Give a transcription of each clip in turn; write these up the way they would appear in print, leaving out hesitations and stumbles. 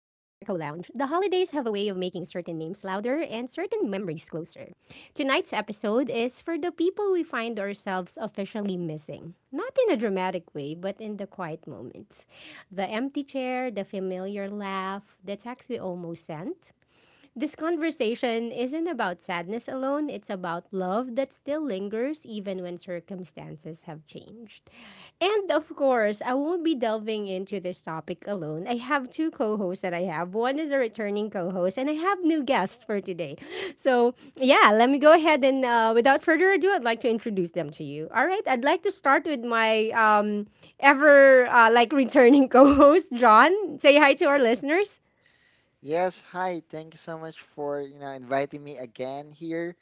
have a way of making certain names louder and certain memories closer. Tonight's episode is for the people we find ourselves officially missing. Not in a dramatic way, but in the quiet moments. The empty chair, the familiar laugh, the text we almost sent, this conversation isn't about sadness alone, it's about love that still lingers even when circumstances have changed. And of course, I won't be delving into this topic alone. I have two co hosts that I have. One is a returning co host, and I have new guests for today. So, yeah, let me go ahead and without further ado, I'd like to introduce them to you. All right, I'd like to start with my ever like returning co host, John. Say hi to our listeners. Yes, hi. Thank you so much for, you know, inviting me again here,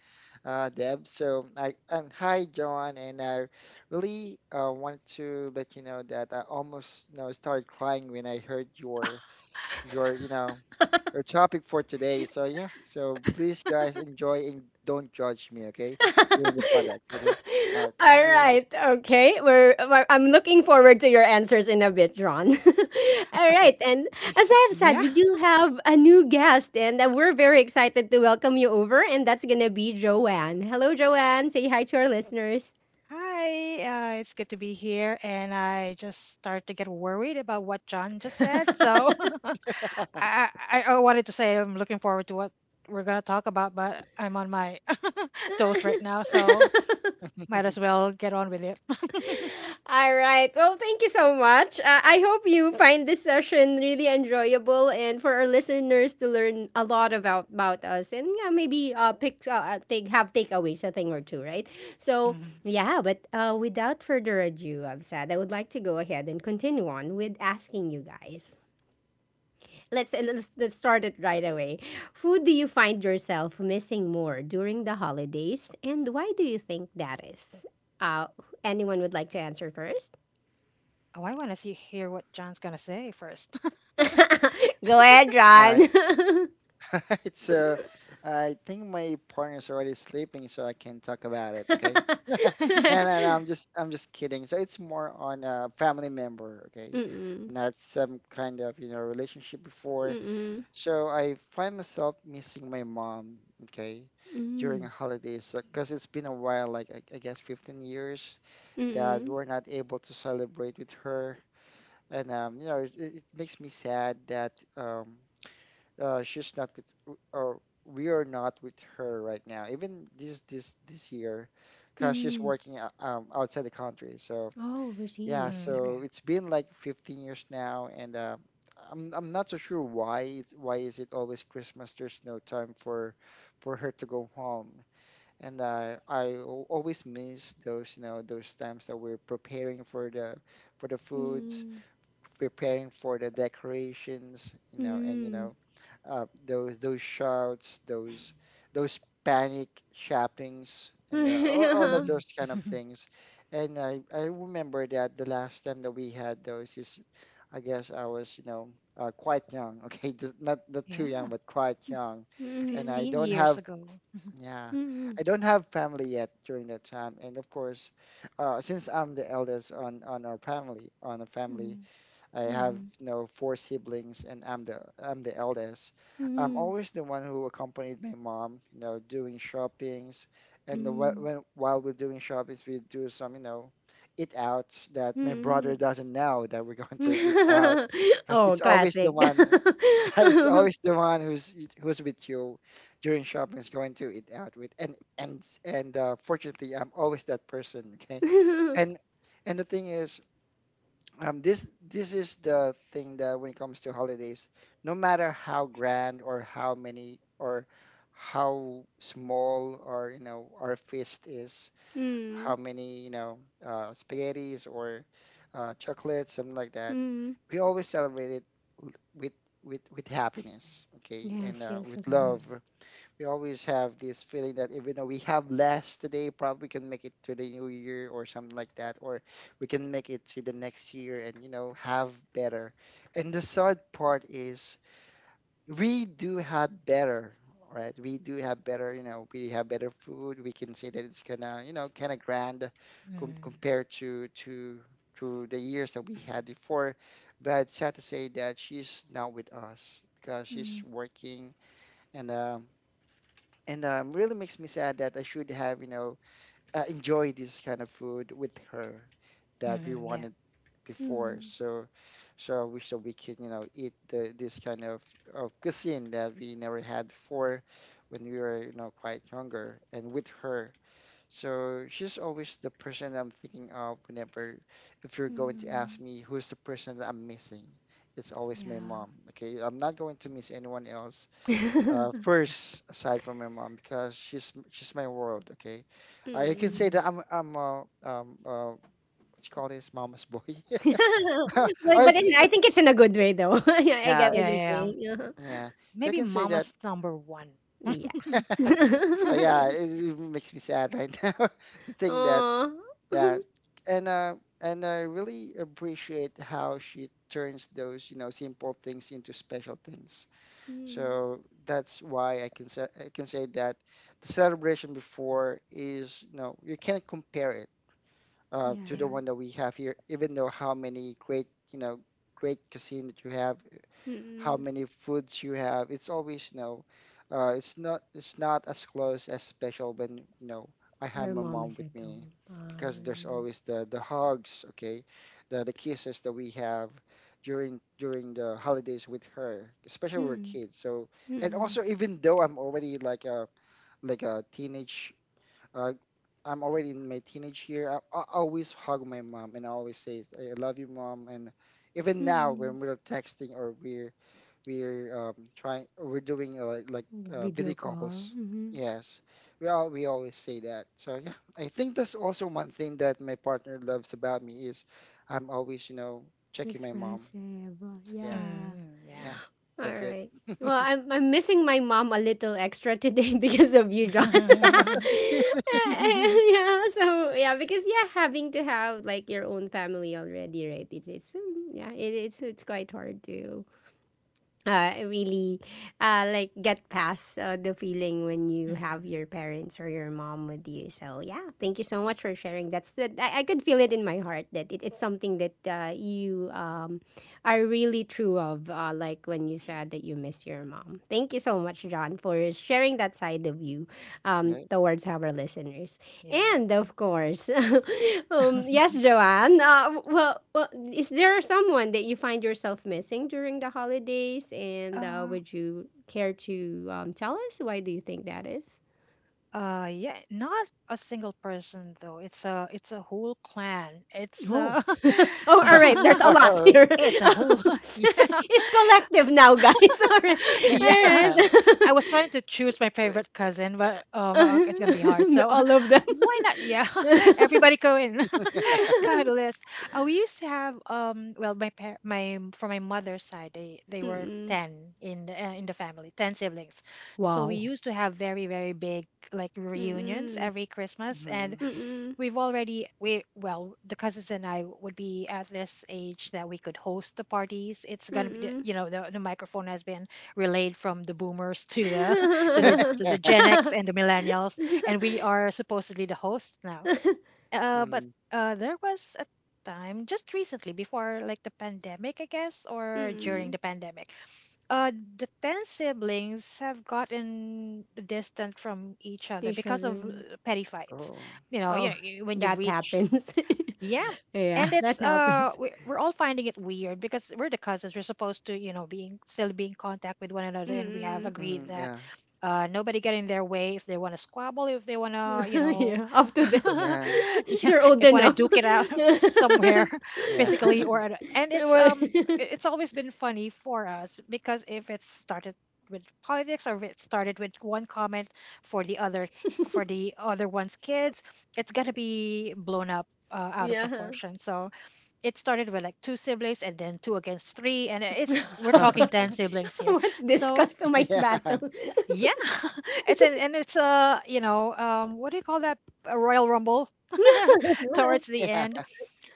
Deb. So, I and hi, John. And I really want to let you know that I almost, you know, started crying when I heard your, your, you know, your topic for today. So yeah. So please, guys, enjoy and don't judge me, okay? During the products, okay? All right. Thank All you. right. Okay. I'm looking forward to your answers in a bit, Ron. All right. And as I have said, Yeah. we do have a new guest, and we're very excited to welcome you over. And that's going to be Joanne. Hello, Joanne. Say hi to our listeners. Hi, it's good to be here, and I just start to get worried about what John just said. So I wanted to say I'm looking forward to what we're gonna talk about, but I'm on my toes right now, so might as well get on with it. All right. Well, thank you so much. I hope you find this session really enjoyable and for our listeners to learn a lot about us, and yeah, maybe pick take have takeaways, a thing or two, right? So, Mhm. yeah, but without further ado, I'm sad. I would like to go ahead and continue on with asking you guys. Let's start it right away. Who do you find yourself missing more during the holidays, and why do you think that is? Uh anyone would like to answer first? Oh, I want to see hear what John's gonna say first. Go ahead, All right. John. All right. So I think my partner's already sleeping, so I can talk about it. Okay. No, I'm just kidding. So it's more on a family member, okay? Mm-mm. Not some kind of, you know, relationship before. Mm-mm. So I find myself missing my mom, okay, during Mm. holidays because it's been a while, like I guess 15 years that we Mm-mm. were not able to celebrate with her. And you know, it makes me sad that she's not with or we are not with her right now even this year because she's Mm. working outside the country. So Oh, yeah, overseas. Mm, okay. so it's been like 15 years now, and I'm not so sure why it's why is it always Christmas. There's no time for her to go home. And always miss those, you know, those times that we're preparing for the foods, Mm. preparing for the decorations, you know. And you Mm. know, those shouts, those panic shoppings, and Mm. All Mm. of Hmm. those kind of things. And I remember that the last time that we had those is I guess I was, you know, quite young. Okay, not too young, Yeah, but quite young, and Mm. I 15 don't years have ago. yeah Mm. I don't have family yet during that time. And of course, since I'm the eldest on our family on a family, Mm. I have, you know, four siblings, and I'm the eldest. I'm Mm. always the one who accompanied my mom, you know, doing shoppings, and the, Mm. when while we're doing shoppings, we do some, you know, eat outs that my Hmm. brother doesn't know that we're going to eat out, because Oh, it's always the classic. one, it's Mm. always the one who's with you during shopping is going to eat out with, and fortunately, I'm always that person. Okay, and the thing is, this is the thing that when it comes to holidays, no matter how grand or how many or how small or, you know, our feast is, Mm. how many, you know, spaghettis or chocolates, something like that, we always celebrate it l- with with happiness, okay, and Yes, yes, of with Mm, love. course. We always have this feeling that even though we have less today, probably can make it to the new year or something like that, or we can make it to the next year and, you know, have better. And the sad part is we do have better, right? We do have better, you know, we have better food. We can say that it's gonna, you know, kind of grand mm, compared to the years that we had before. But sad to say that she's not with us because she's Mm. working. And really makes me sad that I should have, you know, enjoyed this kind of food with her that we mm, yeah. wanted before. Mm. So, so I wish that we could, you know, eat this kind of, cuisine that we never had before when we were, you know, quite younger and with her. So she's always the person I'm thinking of whenever, if you're going to ask me who's the person that I'm missing. It's always my Yeah. mom. Okay, I'm not going to miss anyone else first aside from my mom because she's my world. Okay, I can Mm. say that Hmm. I'm a what you call this, mama's boy. Or but it's it just, I like, think it's in a good way though. Yeah, I get yeah, what Yeah, you're yeah, saying. Uh-huh. yeah. So I maybe can say that. mama's number one. Yeah. So yeah, it makes me sad right now to think that Aw. yeah, and I really appreciate how she turns those, you know, simple things into special things. Mm. So that's why I can say, I can say that the celebration before is, you know, you can't compare it to the Yeah. Yeah. one that we have here, even though how many great, you know, great cuisine that you have, how Mm. many foods you have. It's always, you know, it's not as close as special when, you know, I have Your my mom mom is with at me home. because there's always the hugs, okay, the kisses that we have during the holidays with her, especially when we're Mm, kids. So and mm, also even though I'm already like a teenage uh, I'm already in my teenage year. I always hug my mom and I always say, I love you, mom. And even now, mm. when we're texting or we're trying, we're doing Video video call. calls. Mhm. Yes, we always say that. So yeah, I think that's also one thing that my partner loves about me is I'm always, you know, checking my mom. Expressive. So yeah, Yeah. Mm, yeah. yeah, All that's it. right. Well, I'm missing my mom a little extra today because of you, John. Yeah. So yeah, because yeah, having to have like your own family already, right? It's yeah, it's quite hard to really like get past the feeling when you have Mhm. your parents or your mom with you. So yeah, thank you so much for sharing. That's the I could feel it in my heart that it's something that you are really true of. Like when you said that you miss your mom. Thank you so much, John, for sharing that side of you Yes. towards our listeners. Yeah. And of course, yes, Joanne. Well, is there someone that you find yourself missing during the holidays? And Uh, would you care to tell us why do you think that is? Yeah, not a single person though. It's a whole clan. It's Oh, oh, all right. There's a lot here. it's a whole yeah. It's collective now, guys. All right, Yeah. I was trying to choose my favorite cousin, but all it's gonna be hard. right. So All of them. why not? Everybody go in, go on a list. We used to have well, my par- my from my mother's side, they were Mm-mm. 10 in the family, 10 siblings. So we Wow. used to have very very big like reunions Mm-mm. every Christmas. And Mhm. Mm-mm. we've already, we well, the cousins and I would be at this age that we could host the parties. It's gonna be, Mm-mm. The microphone has been relayed from the boomers to the to the Gen X and the millennials, and we are supposedly the hosts now. Uh, but Mhm. uh, there was a time just recently before like the pandemic, I guess, or during Mm, the pandemic, the 10 siblings have gotten distant from each other each because of, other. petty fights. Oh. You know, Oh, when you that reach. happens. Yeah. Yeah, And it's that happens. we we're all finding it weird because we're the cousins. We're supposed to, being still be in contact with one another, and we have Mm. agreed Mhm, that yeah. Nobody get in their way if they want to squabble, if they want to, Yeah, up to them. Yeah, yeah, They're old if want to enough. duke it out somewhere yeah. physically or at- and it's Well, um i- it's always been funny for us, because if it started with politics or if it started with one comment for the other for the other one's kids, it's gonna be blown up, out of yeah. proportion. So it started with like two siblings and then two against three. And it's we're talking ten Okay. siblings here. What's this So customized Yeah, battle? yeah, it's an, and it's a, what do you call that? A Royal Rumble towards the end. yeah.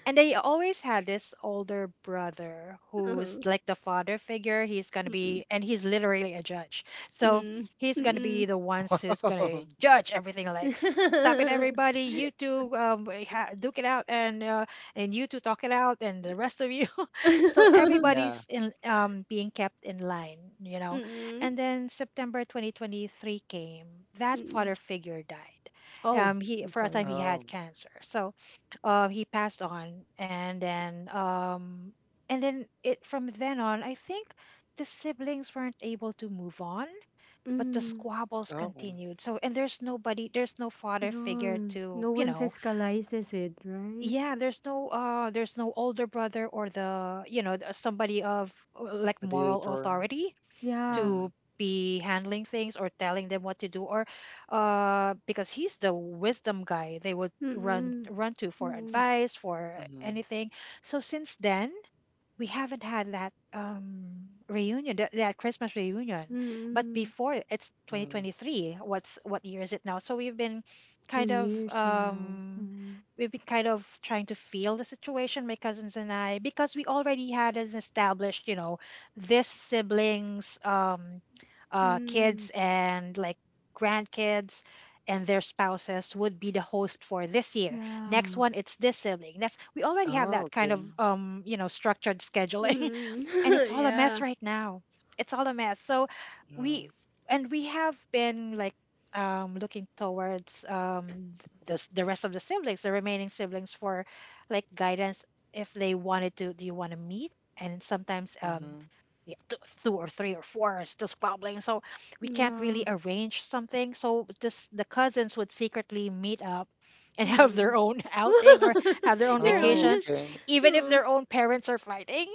And I always had this older brother who's like the father figure. He's gonna Mm, be, and he's literally a judge. So mm, he's mm, gonna be mm, the ones who's gonna Wow. judge everything. Like, stop it, mm. everybody! You two, duke it out, and and you two talk it out, and the rest of you. So Yeah. everybody's, in being kept in line. Mm-mm. And then September 2023 came. That Mm-mm. father figure died. Oh, He I'm For a time, sorry. he had Oh, cancer. So he passed on, and then it from then on, I think the siblings weren't able to move on, but the Mm. squabbles oh. continued. So, and there's nobody there's no father figure No, to, no one fiscalizes it, right? yeah, there's no older brother, or the you know th- somebody of, like, moral Mediator. authority Yeah. Mm-hmm. to be handling things or telling them what to do, or because he's the wisdom guy they would run Mm-mm. run to for Mm-mm. advice, for Mm-hmm. anything. So since then we haven't had that reunion, that Christmas reunion. But Mm-mm. before, it's Mm-hmm. 2023. What's what year is it now? So Two kind of years now. um Mm. we've been kind of trying to feel the situation, my cousins and I, because we already had an established, this siblings, Mm. kids and like grandkids, and their spouses would be the host for this year. Next Yeah. one it's this sibling, next. We already have Oh, that kind of, okay. Structured scheduling, Mm. and it's all a mess Yeah. right now. It's all a mess. So, Mm-hmm. we we have been, like, looking towards, the rest of the siblings, the remaining siblings, for like guidance if they wanted to. Do you want to meet? And sometimes, Mm-hmm. yeah, two or three or four are still squabbling, so we can't really Yeah. arrange something. So this the cousins would secretly meet up and have their Mm. own outing or have their own Their own. Oh, vacations, okay. even if Oh. their own parents are fighting.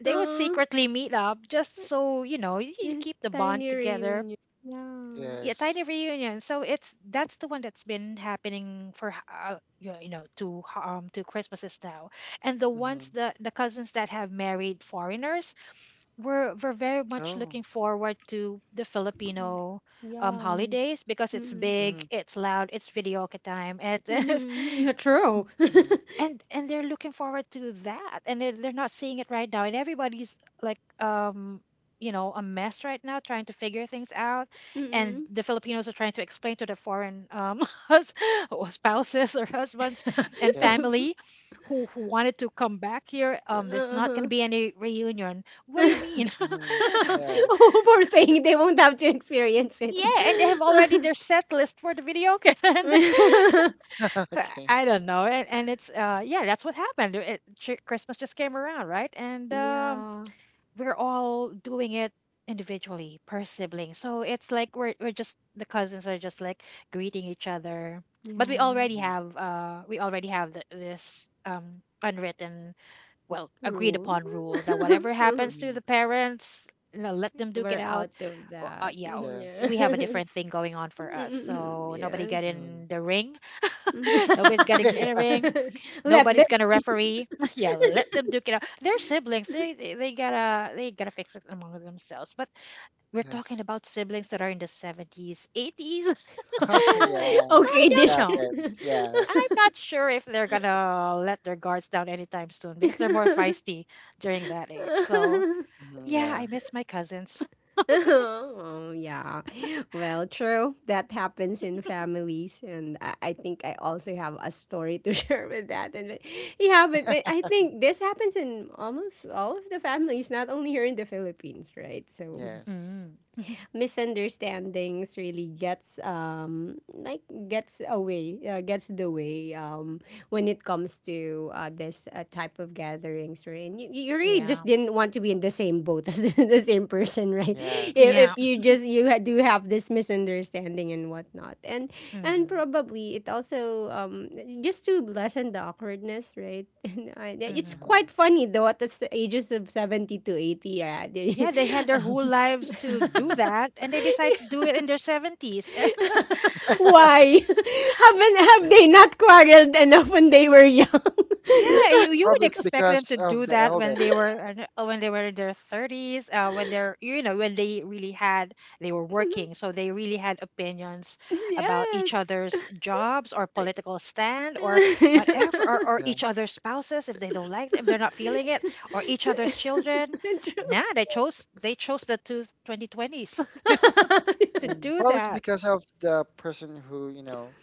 They would Oh. secretly meet up just so, you Eh, keep the bond tiny together. reunion. Yeah. Yeah, tiny Yes. reunion. So it's that's the one that's been happening for, yeah, two Christmases now, and the ones, Mm-hmm. that the cousins that have married foreigners, were very much Oh. looking forward to the Filipino, Yeah. holidays, because it's Mm-mm. Mm-hmm. big, it's loud, it's videoke time, and it's, Mm-hmm. Yeah, true. Mm-hmm. And they're looking forward to that, and they're not seeing it right now, and everybody's like, a mess right now trying to figure things out, and Mm-mm. the Filipinos are trying to explain to the foreign, hus- or spouses, or husbands and Yes. family who wanted to come back here, there's not going to Uh-huh. be any reunion. What do you mean? Mm-hmm. Yeah. Oh, poor thing. They won't have to experience it. Yeah, and they have already their set list for the video. Okay. I don't know. And that's what happened. Christmas just came around, right? And Yeah. we're all doing it individually per sibling. So it's like we're just the cousins are just like greeting each other. But Yeah. Mm-hmm. We already have th this, unwritten, well, agreed True. upon rule that whatever happens to Mm-hmm. the parents, let them We're duke it out out. of that. Yeah, Yeah. Yes. we have a different thing going on for us. So nobody get Yes. Mm-hmm. in the ring. Nobody's getting in a ring. Let Nobody's them gonna be. referee. Yeah, let them duke it out. They're siblings. They gotta fix it among themselves. But we're Yes. talking about siblings that are in the 70s, 80s. Oh, yeah. I Okay, It this. don't know. happens. Yeah. I'm not sure if they're gonna let their guards down anytime soon, because they're more feisty during that age. So Mhm, yeah, I yeah. miss my cousins. Oh yeah, well true, that happens in families, and I think I also have a story to share with that, yeah, but I think this happens in almost all of the families, not only here in the Philippines, right? So Yes. Mm. misunderstandings really gets like gets away, gets the way when it comes to this type of gatherings, right? And you really Yeah, just didn't want to be in the same boat as the same person, right? Yes. if, yeah. if you just do have this misunderstanding and whatnot, and Mhm. probably it also just to lessen the awkwardness, right? And I, yeah, it's Mhm. Mm-hmm. quite funny though at the ages of 70 to 80, yeah. Yeah, they had their whole um, lives to do Mhm. that, and they decide to do it in their 70s. Why? Have they not quarreled enough when they were young? Yeah, you would Probably it's expect them because to of do the that elder. when they were, when they were in their 30s, when they're, when they really had they were working, so they really had opinions about each Yes. other's jobs, or political stand, or whatever, or, Yeah. each other's spouses, if they don't like them, they're not feeling it, or each other's children. True. Nah, they chose the two 2020s to do Probably it's that, because of the person who, you know,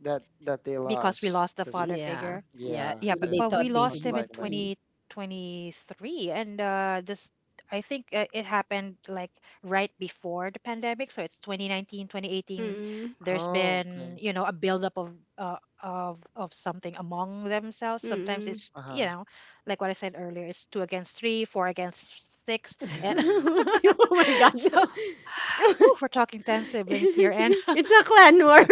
that that they because we lost. lost the This, father Yeah. figure. Yeah. yeah, Yeah, Maybe but, it, they we thought they hid. most lost him in likely. Mm. 2023. And this I think, it happened like right before the pandemic, so it's 2019, 2018. Mm. There's Oh, been, okay. A buildup of, something among themselves. Sometimes Mm. it's, Uh-huh. Like what I said earlier, it's 2 against 3, 4 against 6. And Mm-hmm. Oh my god. so whew, we're talking 10 siblings here. And It's a clan war right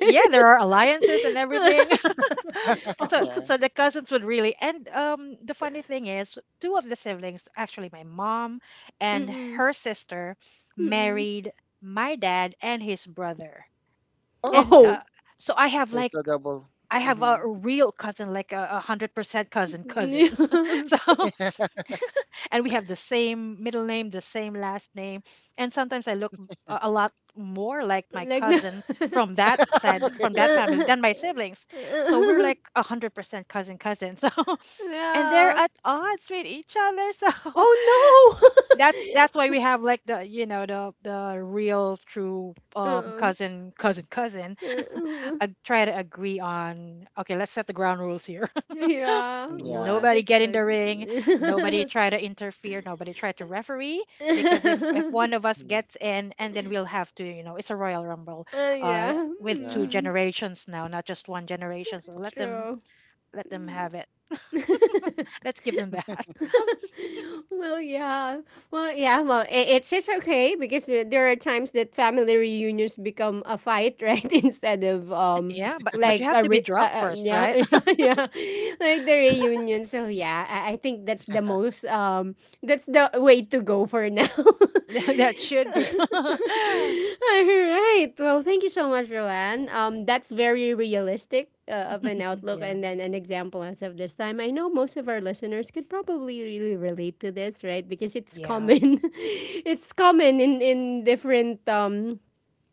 there. yeah, there are alliances and everything. So, Oh. Yeah. The cousins would really. And the funny thing is, two of the siblings, actually my mom and Mm-mm. her sister, Mm-mm. married my dad and his brother, Oh, and okay. Oh. so So it's a double. I have a Mm-hmm. real cousin, like a hundred percent cousin, cousin. So, and we have the same middle name, the same last name, and sometimes I look a lot more like my Like no, cousin from that side, from Okay. that family, than my siblings. So we're like 100% cousin, cousin. And they're yeah. at odds with each other, so Oh that's no. that's why we have, like, the you know the real true, Mm, cousin, cousin, cousin, mm. Try to agree on, okay, let's set the ground rules here. Yeah. Mm, Well, yeah. that Nobody that's get in good. the ring. Nobody try to interfere. Nobody try to referee, because if one of us Mhm. gets in, and then we'll have to, it's a royal rumble, uh yeah. with two Yeah. Mm, generations now, not just one generation, so let them true. let them have it. Let's give them that. Well, yeah. Well, yeah. Well, it's okay because there are times that family reunions become a fight, right? Instead of Yeah, but you like have to be drunk first, yeah, right? yeah, yeah like the reunion. So yeah, I think that's the way to go for now. That should be. All right. Well, thank you so much, Roanne. That's very realistic of an outlook Yeah, and then an example as of this time. I know most of our listeners could probably really relate to this, right? Because it's yeah, common. It's common in different um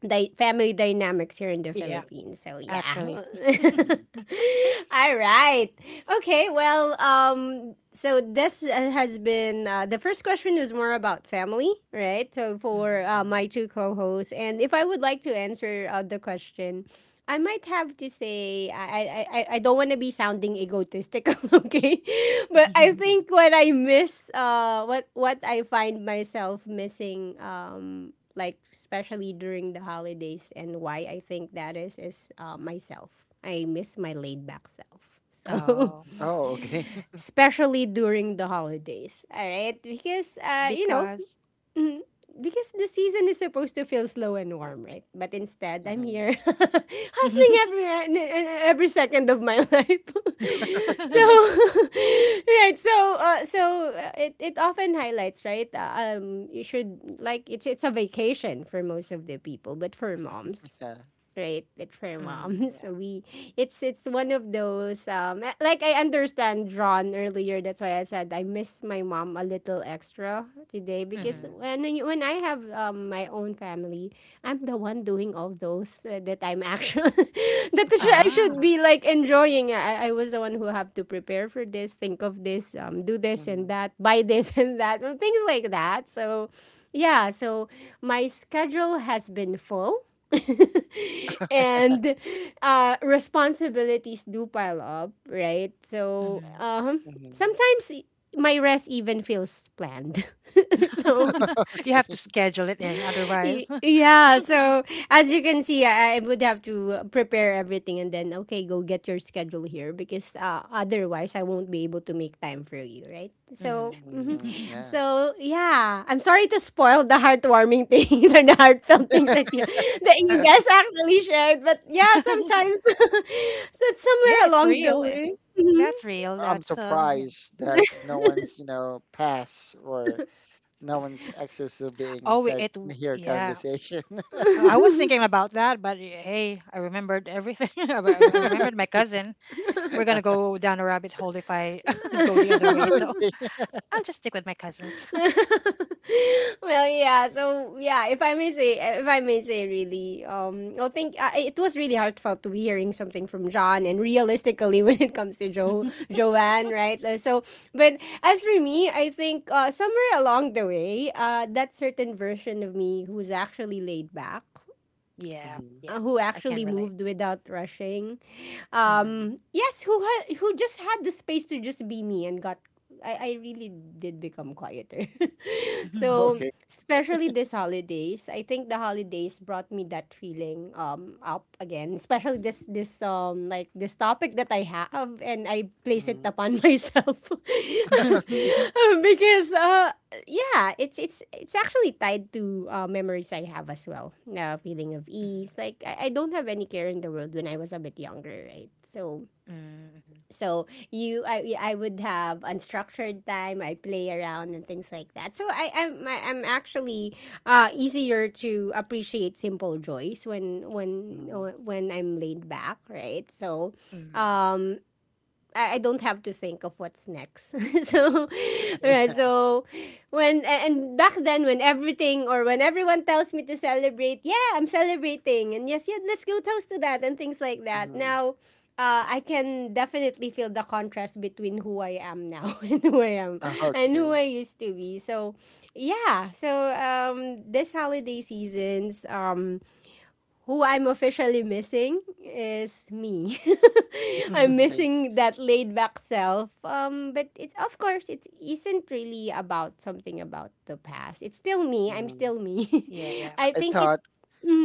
di- family dynamics here in the yeah, Philippines. So yeah. actually. Mhm. All right. Okay. Well, so this has been the first question was more about family, right? So for Hmm. My Mhm. two co-hosts, and if I would like to answer the question, I might have to say I don't want to be sounding egotistical, okay? But I think what I miss, what I find myself missing, like especially during the holidays, and why I think that is myself. I miss my laid back self. So, Oh, Oh, okay. especially during the holidays, all right? Because you know, because Mm, because the season is supposed to feel slow and warm, right? But instead, I'm here Mhm. hustling every second of my life. So, Okay. right. So, it often highlights, right? You should like it's a vacation for most of the people, but for moms, Yeah. right, it's for mom. hmm, so yeah. we It's one of those, like I understand John earlier. That's why I said I miss my mom a little extra today, because Hmm. Mm-hmm. When I have my own family, I'm the one doing all those, that I'm actually I should Ah, be like enjoying. I was the one who have to prepare for this, think of this, do this and Mm-hmm. that, buy this and that and things like that. So yeah, so my schedule has been full and responsibilities do pile up, right? So hmm. Mm-hmm. sometimes my rest even feels planned. So You have Okay. to schedule it in, otherwise. yeah, so as you can see, I would have to prepare everything, and then okay, go get your schedule here, because otherwise I won't be able to make time for you, right? So hmm mhm. Mm-hmm. Yeah. So yeah, I'm sorry to spoil the heartwarming things or the heartfelt things that you guys actually shared, but yeah, sometimes so it's Yeah, somewhere it's real. along the way. That's real. I'm That's yeah. surprised that no one's, you know, pass or no one's access is being oh, said it. in W- here Yeah, conversation. I was thinking about that, but eh, hey, I remembered everything. I re- I Mhm. remembered my cousin. We're gonna go down a rabbit hole if I go the other way. So I'll just stick with my cousins. Well yeah, so yeah, if I may say eh, if I may say, really, I think, it was really heartfelt to be hearing something from John, and realistically when it comes to jo Joanne, right? So but as for me, I think, somewhere along the way, that certain version of me who's actually laid back, Yeah, Mhm. Yeah, who I actually can relate. moved without rushing, Mm-hmm. Yes, who just had the space to just be me and got. I really did become quieter. So, Mm-hmm. Okay. especially this holidays, I think the holidays brought me that feeling up again, especially this like this topic that I have and I place it Mhm. upon myself. Because yeah, it's actually tied to memories I have as well. A feeling of ease. Like I don't have any care in the world when I was a bit younger, right? So Mm-hmm. so you I would have unstructured time. I play around and things like that. So I'm actually easier to appreciate simple joys when when Mhm. when I'm laid back, right? So um I don't have to think of what's next. so, Yeah, right. yeah, So, when and back then, when everything or when everyone tells me to celebrate, yeah, I'm celebrating, and yes, yeah, let's go toast to that and things like that. Mhm. Now, I can definitely feel the contrast between who I am now and who okay. I used to be. So, yeah. So, this holiday seasons, who I'm officially missing is me. I'm mm Okay. missing that laid back self. But it's of course it isn't really about something about the past. It's still me. I'm Mhm. still me. yeah, yeah, I I think it. thought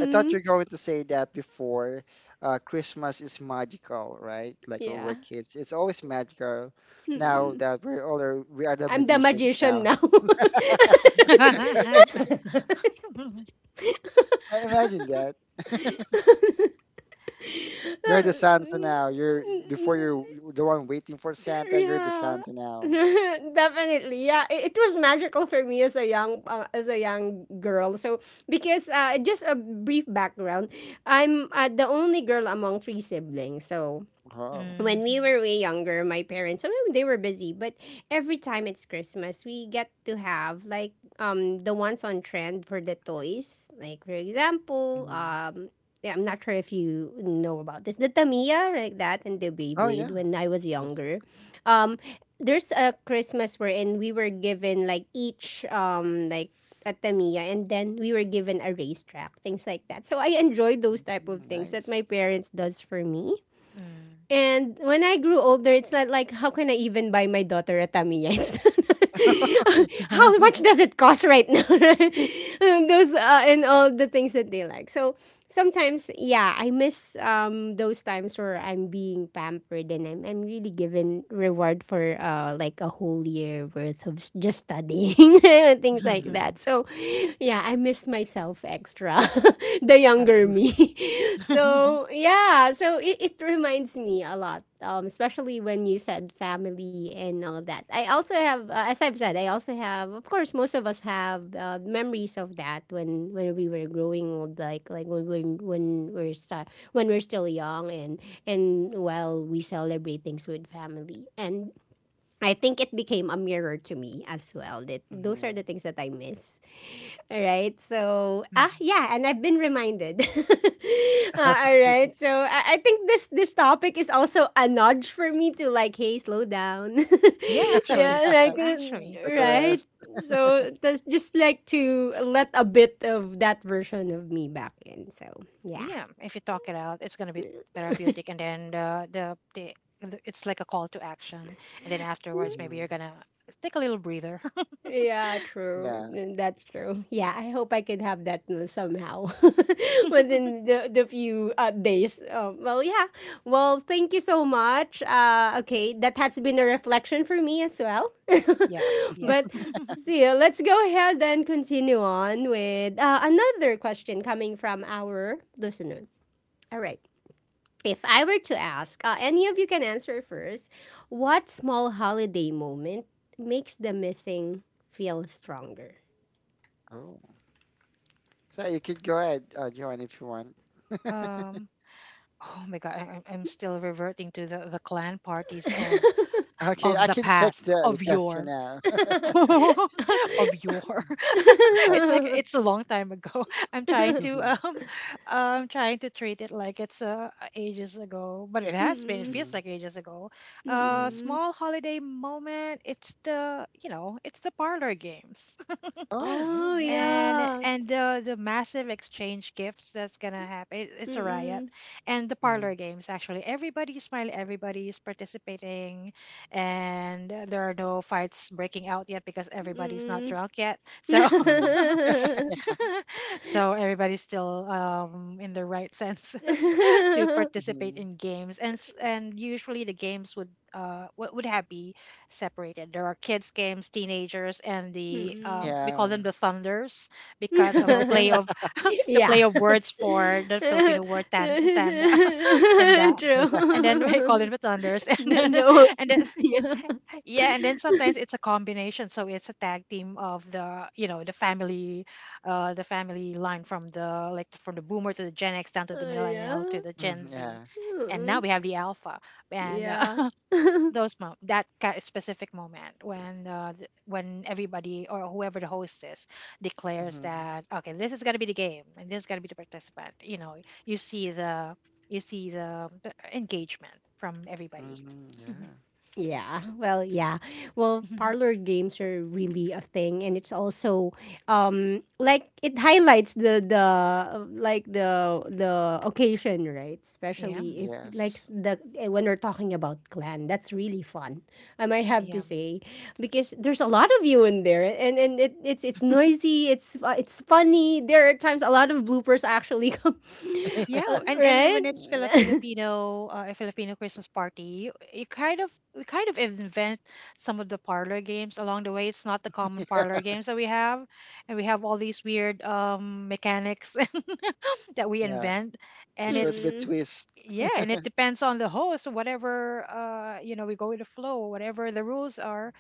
I thought you're going to say that before. Christmas is magical, right? Like when we're yeah. kids, it's always magical. Now Mm, that we're older, we are the I'm the magicians magician now. now. yeah. I imagine that. You're the Santa now. You're before you're the one waiting for Santa. You're the Yeah. Santa now. Definitely. Yeah, it was magical for me as a young girl. So because just a brief background, I'm the only girl among three siblings. So Oh, when we were way younger, my parents, some of them, they were busy, but every time it's Christmas, we get to have the ones on trend for the toys. Like for example, hmm yeah, I'm not sure if you know about this. The Tamiya, like that, and the oh Beyblade yeah. when I was Yes. younger. Um, there's a Christmas wherein we were given like each like a Tamiya and then we were given a racetrack, things like that. So I enjoy those type of Mm, things that my nice. parents does for me. And when I grew older, it's not like how can I even buy my daughter a Tamiya? It's not- how much Mm-hmm. does it cost right now? And those and all the things that they like. So sometimes, yeah, I miss those times where I'm being pampered and I'm really given reward for like a whole year worth of just studying. and things like Mm-hmm. that. So, yeah, I miss myself extra, the younger me. so, yeah, so it reminds me a lot, especially when you said family and all that. I also have, as I've said, I also have, of course, most of us have memories of that when we were growing old, when when when we're when we're still young and while we celebrate things with family. And I think it became a mirror to me as well. That those are Mm-hmm. the things that I miss. All right. So yeah, and I've been reminded. All right. So I think this topic is also a nudge for me to like, hey, slow down. Actually, yeah, actually, Take a right. rest. So that's just like to let a bit of that version of me back in. So yeah. yeah, if you talk it out, it's going to be therapeutic, and then it's like a call to action, and then afterwards maybe Mm-hmm. you're gonna take a little breather. Yeah, true. Yeah. Mm, that's true. Yeah, I hope I could have that somehow within the, the few days. Well, yeah. Well, thank you so much. Okay, that has been a reflection for me as well. Yeah, yeah. but see, let's go ahead and continue on with another question coming from our listener. All right. If I were to ask, any of you can answer first. What small holiday moment makes the missing feel stronger? Oh. So you could go ahead, Joanne, if you want. Um. Oh my God, I'm still reverting to the clan parties of Okay, I the can take past the of question your. now. mm-mm, Of yore. I, It's like it's a long time ago. I'm trying to hmm um I'm trying to treat it like it's ages ago, but it has been. It feels like ages ago. A hmm mm-mm. small holiday moment. It's the it's the parlor games oh, yeah, Oh, nice. and yeah. and the massive exchange gifts that's gonna happen. It's a riot, Mm-mm, and the Hmm parlor games, actually everybody's smiling, everybody's participating, and there are no fights breaking out yet because everybody's not mm-mm. drunk yet. So hmm so everybody's still in their right senses to participate hmm in games, and usually the games would have be separated. There are kids games, teenagers, and the mm-mm. We yeah. call them the thunders because of a play of the yeah. play of words for the Filipino word tanda. Tanda, and then we call it True. the thunders. And No, then no. and Yeah. yeah, and then sometimes it's a combination. So it's a tag team of the, you know, the family line from the, like from the boomer to the Gen X down to the 哎呀，millennial to the Gen Mm, Z, yeah. and now 嗯 we have the alpha, 嗯 and 呀。those mo- that ki- specific moment when when everybody or whoever the host is declares Mm-hmm. that okay, this is gonna be the game and this is gonna be the participant. You know, you see the you see the engagement from everybody. Mm, yeah. Yeah, well, yeah. Well, parlor games are really a thing and it's also like it highlights the the occasion, right? Yeah, Especially if Yes. When we're talking about clan, that's really fun. I might have to yeah. say because there's a lot of you in there and it's noisy, it's funny. There are times a lot of bloopers actually come. Yeah, and when right? it's still a Filipino Christmas party, you kind of we kind of invent some of the parlor games along the way. It's not the common parlor games that we have, and we have all these weird mechanics that we Yeah, invent, and there's going to be it's a Mm-mm. twist, yeah, and it depends on the host. Whatever, you know, we go with the flow, whatever the rules are,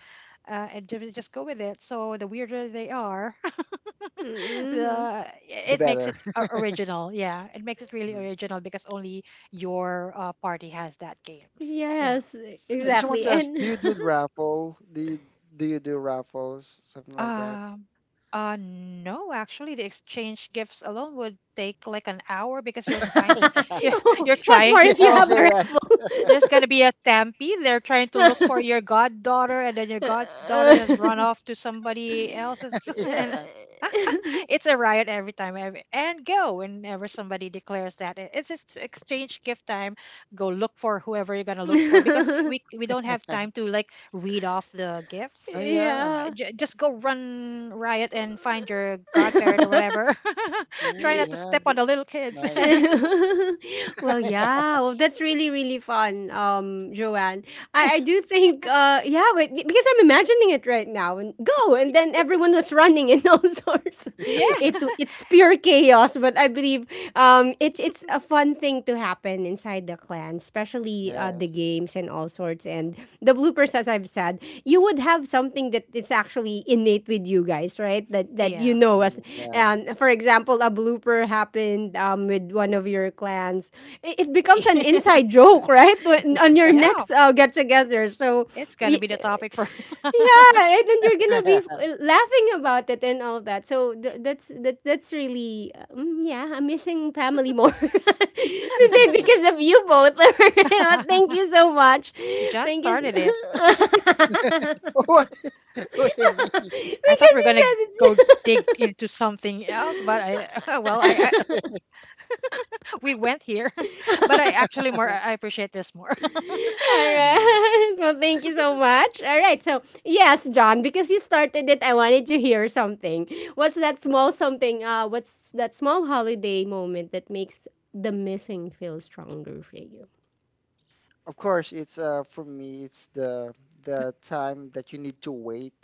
and just go with it. So the weirder they are, Mm-mm. Mm-hmm. the the it makes it better. Original. Yeah, it makes it really Mhm. original because only your party has that games. You know. Yes, I just want exactly. to ask, And do you do the raffle? Do you do raffles, something like that? Um. No, actually, the exchange gifts alone would take like an hour because you're fine. Oh, You're what trying more to if you Yeah, crawl. have a you're right. raffle? There's gonna be a stampede. They're trying to look for your goddaughter, and then your goddaughter has run off to somebody else's, and Yeah. it's a riot every time ev- and go whenever somebody declares that it's just exchange gift time, go look for whoever you're going to look for because we, we don't have time to like read off the gifts. Oh yeah. yeah. Just go run riot and find your godparent or whatever. Try Mm, not to yeah, step on the little it's kids. nice. well, yeah. Well, that's really, really fun, Joanne. I do think, yeah, because I'm imagining it right now and go, and then everyone was running in all sorts. Yeah, It's pure chaos, but I believe it's a fun thing to happen inside the clan, especially the Yes. games and all sorts and the bloopers as I've said, you would have something that is actually innate with you guys, right? that that yeah. You know, as Mm, for example a blooper happened with one of your clans, it becomes an inside joke right? On your Yeah, next get together. So it's going to be the topic for yeah, and then you're gonna yeah. be laughing about it and all that. So that's really yeah. I'm missing family more today because of you both. Oh, thank you so much. John Thank you. started it. because What? What do you mean? I thought we are you gonna said go dig it's into something else, but I well, I we went here, but I actually more I appreciate this more. All right. Mhm. Well, thank you so much. All right. So, yes, John, because you started it, I wanted to hear something. What's that small something? What's that small holiday moment that makes the missing feel stronger for you? Of course, it's for me, it's the time that you need to wait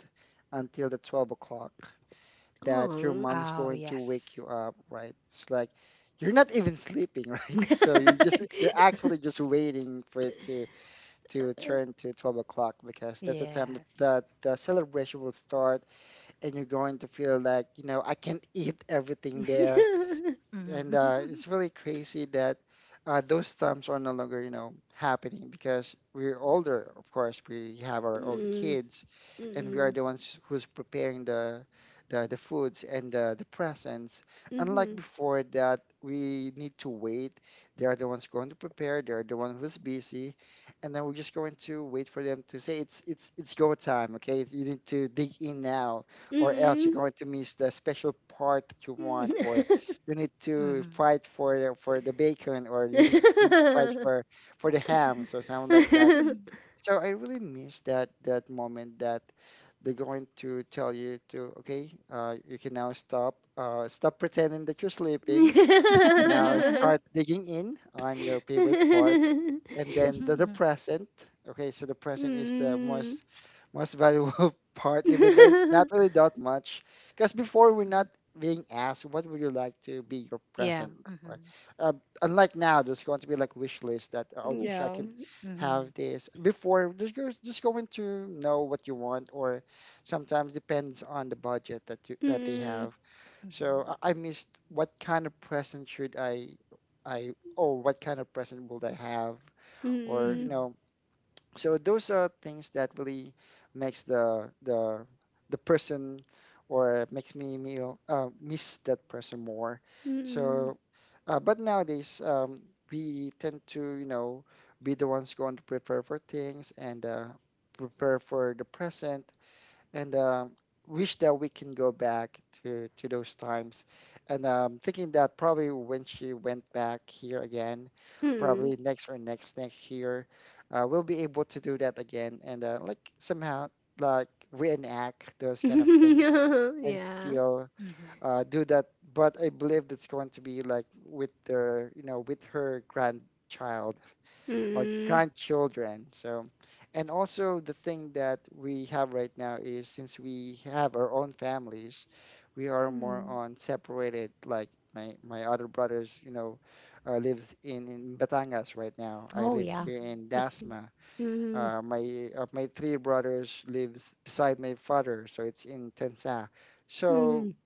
until the 12 o'clock, that your Oh. mom's Oh going to wake yes, you up, right? It's like you're not even sleeping, right? So you're actually just waiting for it to turn to 12 o'clock because that's the time that, yes. The celebration will start, and you're going to feel like, you know, I can't eat everything there. And Hmm. it's really crazy that those times are no longer, you know, happening because we're older. Of course, we have our own mm, kids, and we are mm, the ones who's preparing the foods and the presents. Unlike mm-hmm, before, that we need to wait. They are the ones going to prepare. They are the one who's busy, and then we're just going to wait for them to say it's go time. Okay, you need to dig in now, or else you're going to miss the special part that you want, or you need to Hmm. fight for for the bacon, or you need to fight mm-hmm. for the ham, so something like that. So I really miss that that moment that they're going to tell you to, okay, you can now stop stop pretending that you're sleeping. You can now start digging in on your favorite part, Mm. and then the present. Okay, so the present is the most most valuable part, even though it's not really that much. Because before we're not being asked, what would you like to be your Yeah. present? Hmm. Hmm. Right? Uh, unlike now, there's going to be like wish list that, "Oh, I wish I yeah. could Hmm. have this. Before, just you're just going to know what you want, or sometimes depends on the budget that you that they Mm have. So I missed what kind of present should I what kind of present would I have? Or you mm Hmm. know. So those are things that really makes the person or makes me meal miss that person more. mm So but nowadays, we tend to you know be the ones going to prepare for things and prepare for the present, and wish that we can go back to those times. And thinking that probably when she went back here again, mm probably next or next next year, we'll be able to do that again and like somehow like reenact those kind of things mm. and yeah. still do that. But I believe that's going to be like with their you know with her grandchild or Mm grandchildren. So, and also the thing that we have right now is since we have our own families, we are more mm. on separated. Like my other brothers, you know, lives in Batangas right now. I Oh live yeah. here Hmm. in It's Dasma. mm My my three brothers lives beside my father, so it's in Tensa. mm So mm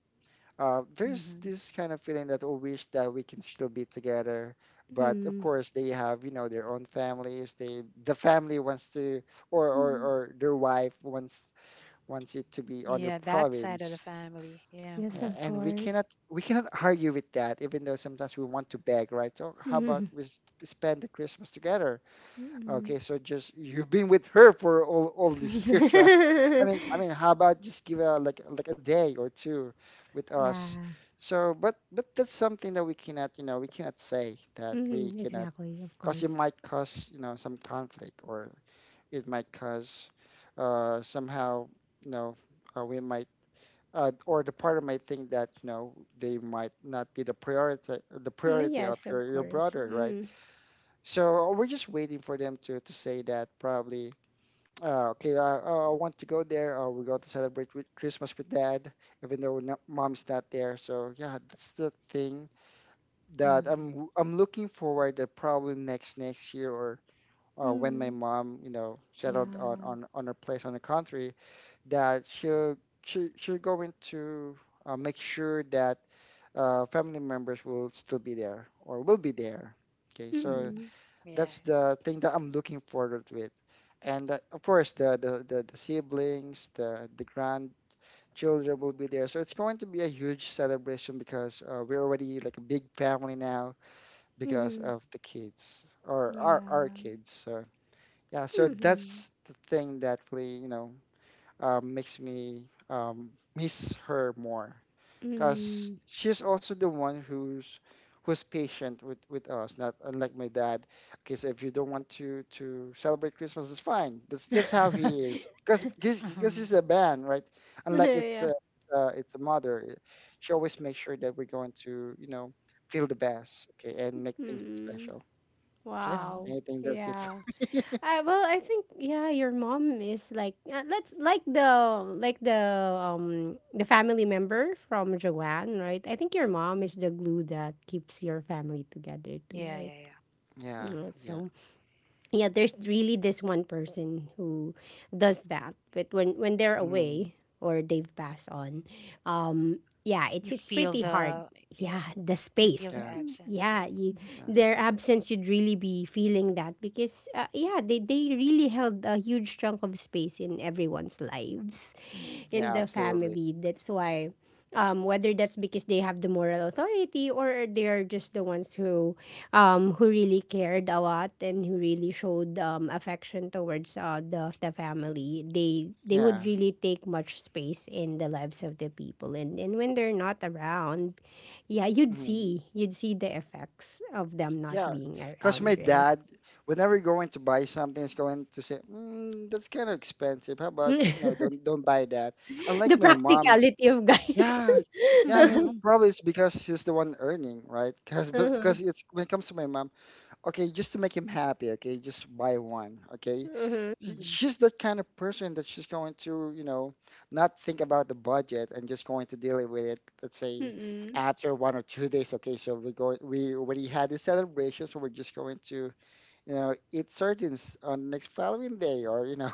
there's Hmm. this kind of feeling that oh, wish that we can still be together. But of course, they have you know their own families. The family wants to, or or, mm. or their wife wants it to be on their Yeah, that side of the province. family. Yeah. Yes, Hmm. Yeah, of and we course. cannot argue with that, even though sometimes we want to beg, right? So how about Mm we spend the Christmas together? mm. Okay, so just you've been with her for all these years, right? Mm. How about just give a like a day or two with yeah. us? So, but that's something that we cannot, you know, we cannot say that we Mm cannot, exactly. Of because it course. might cause, you know, some conflict or it might cause somehow, you know, we might or the partner might think that, you know, they might not be the Mm, priority of yes, your of your course. brother, right? Mm So we're just waiting for them to say that probably, okay, I want to go there. We're going to celebrate with Christmas with dad, even though no, mom's not there. So yeah, that's the thing that Hmm. I'm looking forward to probably next next year or when my mm. mom, you know, settled on Yeah. on her place on the country, that she'll going to make sure that family members will still be there or will be there. Okay, so Mm Hmm. Yeah. that's the thing that I'm looking forward with. And of course, the siblings, the grandchildren will be there. So it's going to be a huge celebration because we're already like a big family now because mm. of the kids or our Yeah. kids. So yeah, so Mm mm. that's the thing that really, you know, makes me miss her more because she's also the one who's who's patient with us, not unlike my dad. Okay, so if you don't want to celebrate Christmas, it's fine. That's how he is because Hmm. he's a man, right? Unlike yeah. It's a mother, eh, she always makes sure that we're going to you know feel the best, okay, and make things Mm special. So Oh. wow. yeah, I think that's it. Yeah. Well, I think yeah, your mom is like let's like the family member from Joanne, right? I think your mom is Hmm. the glue that keeps your family together too, Yeah, right? yeah, yeah. Yeah. Mm, Yeah. so yeah there's really this one person who does that, but when they're Mhm. away or they've passed on um yeah You it's feel pretty hard, the yeah Yeah. the You feel space, the Yeah. absence. Yeah. yeah you Yeah. their absence you'd really be feeling that because yeah they really held a huge chunk of space in everyone's lives in Hmm. Yeah, the absolutely. family. That's why, whether that's because they have the moral authority or they are just the ones who really cared a lot and who really showed affection towards the family, they would Yeah. really take much space in the lives of the people. And when they're not around, yeah, Mhm. You'd see the effects of them not Yeah, being because my around, right? dad, whenever you're going to buy something, is going to say, "That's kind of expensive. How about no? Don't buy that." the Unlike my mom, practicality of guys. yeah, yeah. I mean, Hmm. probably it's because she's the one earning, right? Because uh-huh. Uh-huh. It's when it comes to my mom, okay, just to make him happy, okay, just buy one, okay. Mm-mm. Mhm, She's that kind of person that she's going to, you know, not think about the budget and just going to deal with it, let's say after 1 or 2 days, okay, so we already had the celebration, so we're just going to, you know, eat sardines on next following day or, you know,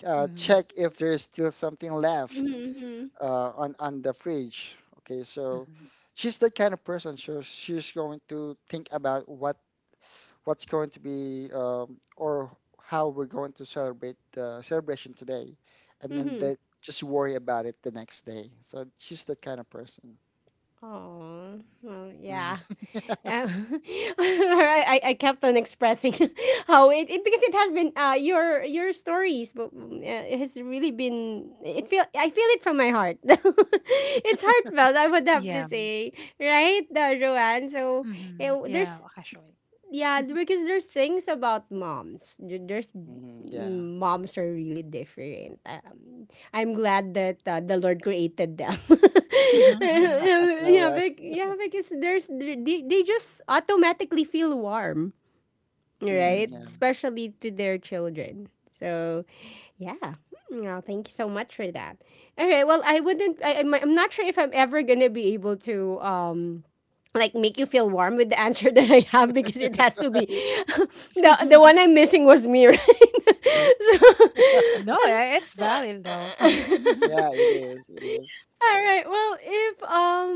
mhm, check if there's still something left Mm-mm. uh, on the fridge. Okay, so mhm. she's the kind of person, so she's going to think about what what's going to be or how we're going to celebrate the celebration today, and then Mhm. they just worry about it the next day. So she's that kind of person. Oh, well, Mm. yeah. Um, I kept on expressing how it, it because it has been your stories, but it has really been, it feel I feel it from my heart. it's heartfelt, I would have to Yeah, say, right, Joanne. So mhm, yeah, there's actually. yeah, because there's things about moms. There's Mm, yeah. Moms are really different. I'm glad that the Lord created them. No, yeah, right? Yeah, because there's they just automatically feel warm, right? Mm, Mhm. Especially to their children. So, yeah. Hmm, well, thank you so much for that. All right. Well, I wouldn't. I'm not sure if I'm ever gonna be able to like make you feel warm with the answer that I have because it has to be yeah. The one I'm missing was me, right? No, it's valid though. so, Yeah, it is. It is. All right. Well, if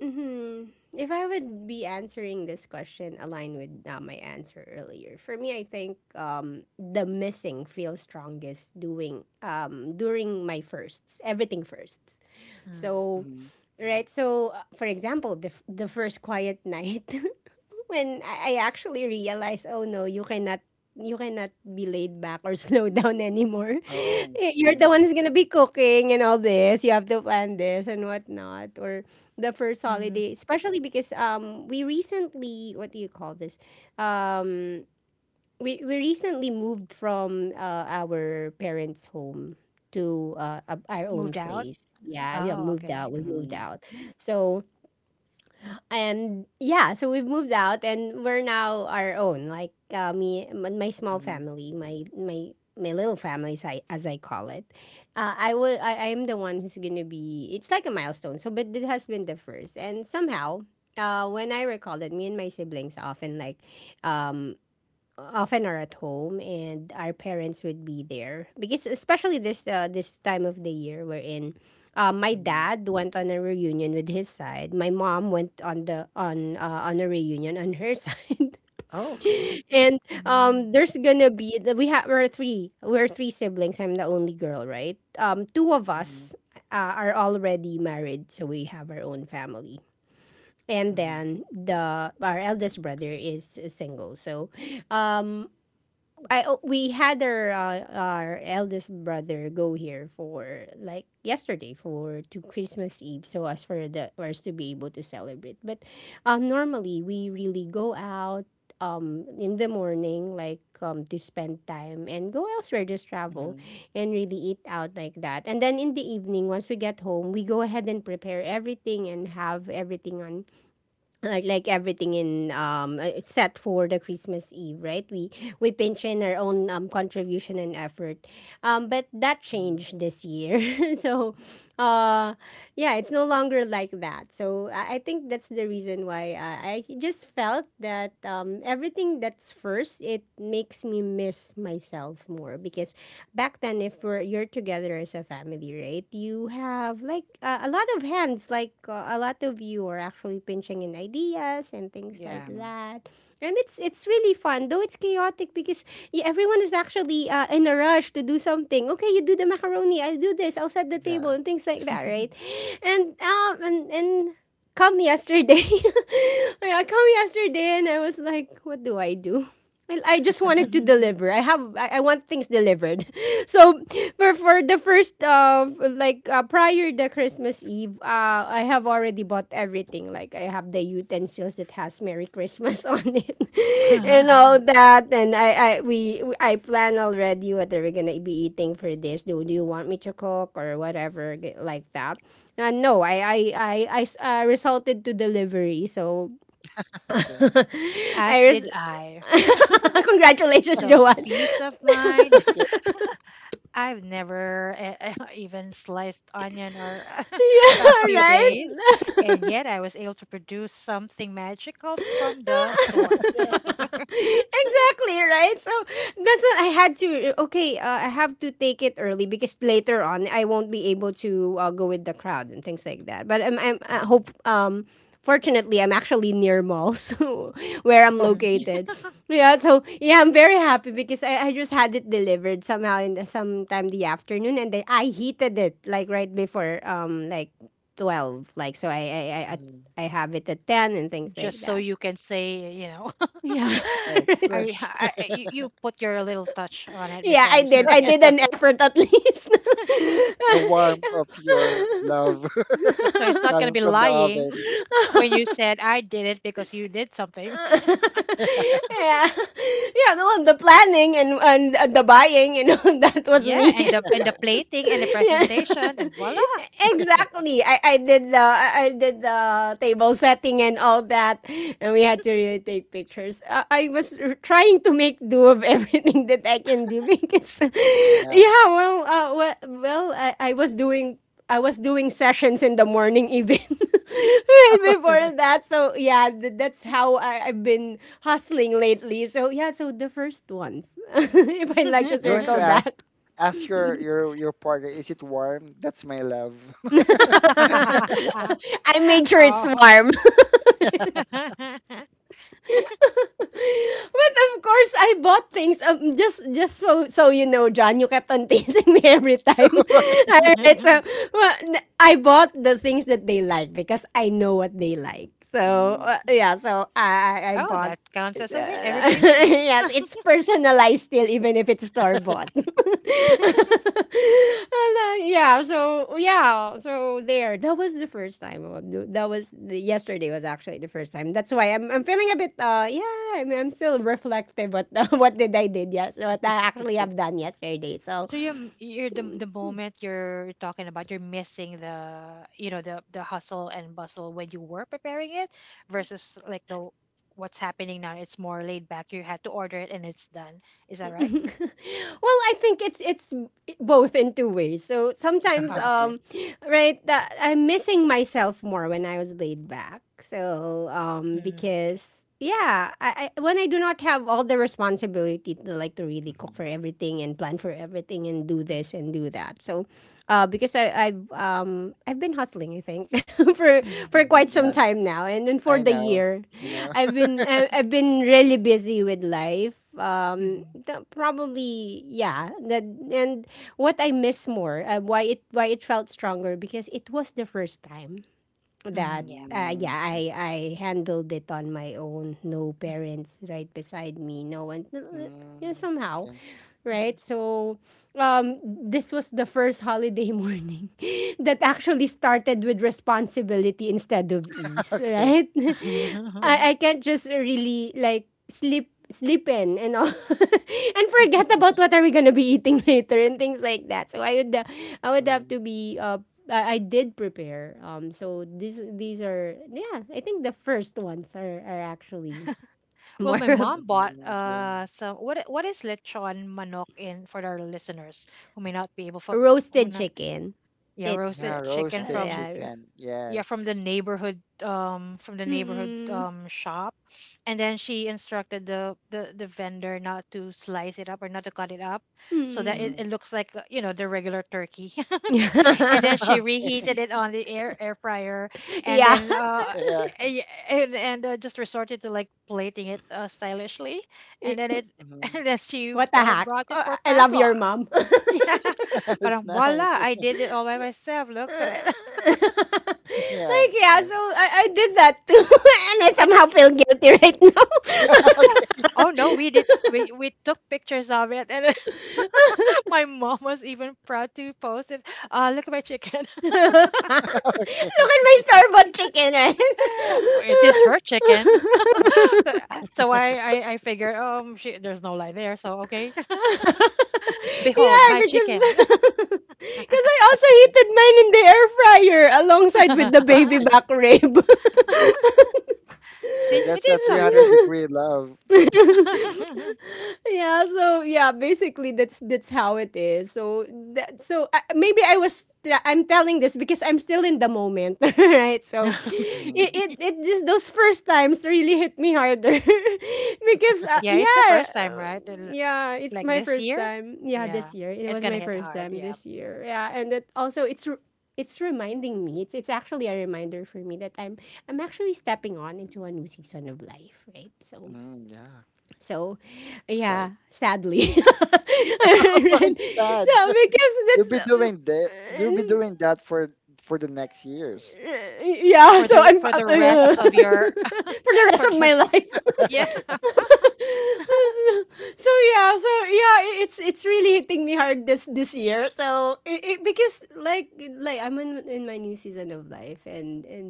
mhm, if I would be answering this question aligned with my answer earlier. For me, I think the missing feels strongest doing during my firsts, everything firsts. Mm, So, Mm. right. So, for example, the first quiet night when I actually realized, oh no, you cannot be laid back or slow down anymore. Oh. Eh, you're the Mm. one who's gonna be cooking and all this. You have to plan this and whatnot. Or the first mm. holiday, especially because we recently, what do you call this? Um we recently moved from our parents' home to our own Moved out? place. Yeah, we have Oh, moved okay. out. We moved Mm. out. So and yeah, so we've moved out and we're now our own. Like my small Mm. family, my my little family, as I call it. I will. I am the one who's gonna be. It's like a milestone. So, but it has been the first, and somehow. When I recall that, me and my siblings often um, often are at home and our parents would be there because especially this time of the year we're in my Mm. dad went on a reunion with his side, my mom went on the on a reunion on her side. Oh, okay. And Mm, um, there's gonna be we have we're three siblings. I'm the only girl, right? Um, two of Mm. us are already married, so we have our own family, and Mm. then the our eldest brother is single. So um, I, oh, we had our eldest brother go here for like yesterday for to Christmas Eve, so as for us to be able to celebrate. But normally we really go out in the morning, like um, to spend time and go elsewhere, just travel Mm. and really eat out like that, and then in the evening once we get home we go ahead and prepare everything and have everything on like everything in set for the Christmas Eve, right? We pinch in our own contribution and effort, but that Mm. changed this year. So, uh, yeah, it's no longer like that. So I think that's the reason why I just felt that um, everything that's first, it makes me miss myself more because back then, if we're, you're together as a family, right? You have like a lot of hands, like a lot of, you are actually pinching in ideas and things like yeah. Mm. that. And it's really fun, though it's chaotic because yeah, everyone is actually in a rush to do something. Okay, you do the macaroni, I do this, I'll set the table Yeah. and things like that, right? And come yesterday, I come yesterday and I was like, what do I do? Well, I just wanted to deliver. I want things delivered. So for the first prior the Christmas Eve, uh, I have already bought everything. Like I have the utensils that has Merry Christmas on it Mm. and all that. And I plan already what are we going to be eating for this. Do you want me to cook or whatever g- like that. No, I resulted to delivery. So Okay. I As did res- I. Congratulations, So Joanne. peace of mind. Okay. I've never even sliced onion or the Yeah, past few right? days, and yet I was able to produce something magical from the store. Yeah. Exactly, right? So that's what I had to, okay, I have to take it early because later on I won't be able to go with the crowd and things like that. But I'm, I Mm. hope um, fortunately I'm actually near mall so, where I'm Mm. Okay. located. Yeah, so yeah, I'm very happy because I just had it delivered somehow in sometime the afternoon, and then I heated it like right before 12:00, like, so Mm. I have it at 10:00 and things Just like so that. you can say, you know, Yeah. Fresh. You, you put your little touch on it Yeah, before I you did. serving I it. did an effort at least. The warmth of your love So it's not going to coming be from the lying oven. when you said I did it because you did something. Yeah. Yeah, well, the planning and, the buying, you know, that was Yeah, me. And the plating and the Yeah. presentation and voila. Exactly. I I did the table setting and all that, and we had to really take pictures. I was r- trying to make do of everything that I can do because, Yeah. yeah, well, uh, well, well I was doing, I was doing sessions in the morning even right before that. So yeah, th- that's how I've been hustling lately. So yeah, so the first ones, if I like to Going to circle ask back, your your partner, is it warm? That's my love. I made sure it's Oh. warm. But of course, I bought things. Just so, so you know, John, you kept on teasing me every time. Alright, so well, n- I bought the things that they like because I know what they like. So Mm. Yeah, so I Oh, bought. that counts as a win. Everybody wins. Yes, it's personalized still, even if it's store bought. Yeah, so yeah, so there. That was the first time. Oh, no, that was the, yesterday was actually the first time. That's why I'm feeling a bit uh, yeah. I mean, I'm still reflective what what did I did, yes, what I actually have done yesterday. So So you're, you're the moment you're talking about, you're missing the, you know, the hustle and bustle when you were preparing it, versus like the what's happening now. It's more laid back. You had to order it and it's done. Is that right? well, I think it's both in two ways. So sometimes, Oh, Okay. okay. Right, that I'm missing myself more when I was laid back. So Mm, okay. because yeah, I, when I do not have all the responsibility to like to really cook for Mhm. everything and plan for everything and do Mm-hmm. this and do that. So because I've been hustling, I think, for Mm-hmm. for Mhm. quite some Yeah, time now, and then for I the know. year, You know. I've been really busy with life um, Mm-hmm. Probably yeah, that and what I miss more, why it, why it felt stronger, because it was the first time Mm, that yeah. Mm, yeah, okay. I handled it on my own. No Mm-hmm. parents right beside me. No one. You know, Mm, somehow, okay. right? So, this was the first holiday morning that actually started with responsibility instead of ease, Okay. right? Okay. Mm-hmm. I can't just really like sleep in and all and forget about what are we gonna be eating later and things like that. So I would have to Mm. be I did prepare. So these are, yeah. I think the first ones are actually Well, more my of mom bought Mm, okay. Some what is lechon manok in for our listeners who may not be able for who roasted not chicken. yeah, It's roasted Yeah, chicken roasted from Yeah. chicken. yeah, Yes. From the neighborhood Mm, shop, and then she instructed the vendor not to slice it up or not to cut it up, so that it, mm. it Hmm. looks like you know, the regular turkey, and then she reheated it on the air fryer, and Yeah. then Yeah. a- and just resorted to like plating it stylishly, and then it Hmm. and then she What the heck? brought it for I love padlock. your mom. Like, Yeah, but It's nice. voila, I did it all by myself, look at it. Yeah, it's yeah. nice. So I did that too, and I And we somehow feel guilty right now. Oh no, we did. We took pictures of it, and my mom was even proud to post it. Look at my chicken. Look at Okay. my store-bought chicken, right? It is her chicken. So so I figured, she, there's no lie there. So okay, behold Yeah, my because chicken. because I also heated mine in the air fryer alongside with the baby back rib. So See, it that's a 300 So- degree love. is. Yeah, so yeah basically that's how it is, so that, so I, maybe I was, I'm telling this because I'm still in the moment right, so it, Mm, it it just those first times really hit me harder. Because Yeah, okay. it's the first time, uh, right? Yeah, it's Like my this first year. time, yeah, Yeah, this year it it's was gonna my hit first hard. time Yeah, this year, yeah, and that also it's reminding me, it's actually a reminder for me that I'm actually stepping on into a new season of life, right? So Mm, yeah, so, that's right. yeah, sadly. Oh my Alright. God, So because you'll that's be doing that. You'll be doing that for the next years. yeah, so I'm for the rest of your for the rest for of the, my life. yeah. So yeah, so yeah, I- it's really hitting me hard this this year. So it because like I'm in my new season of life, and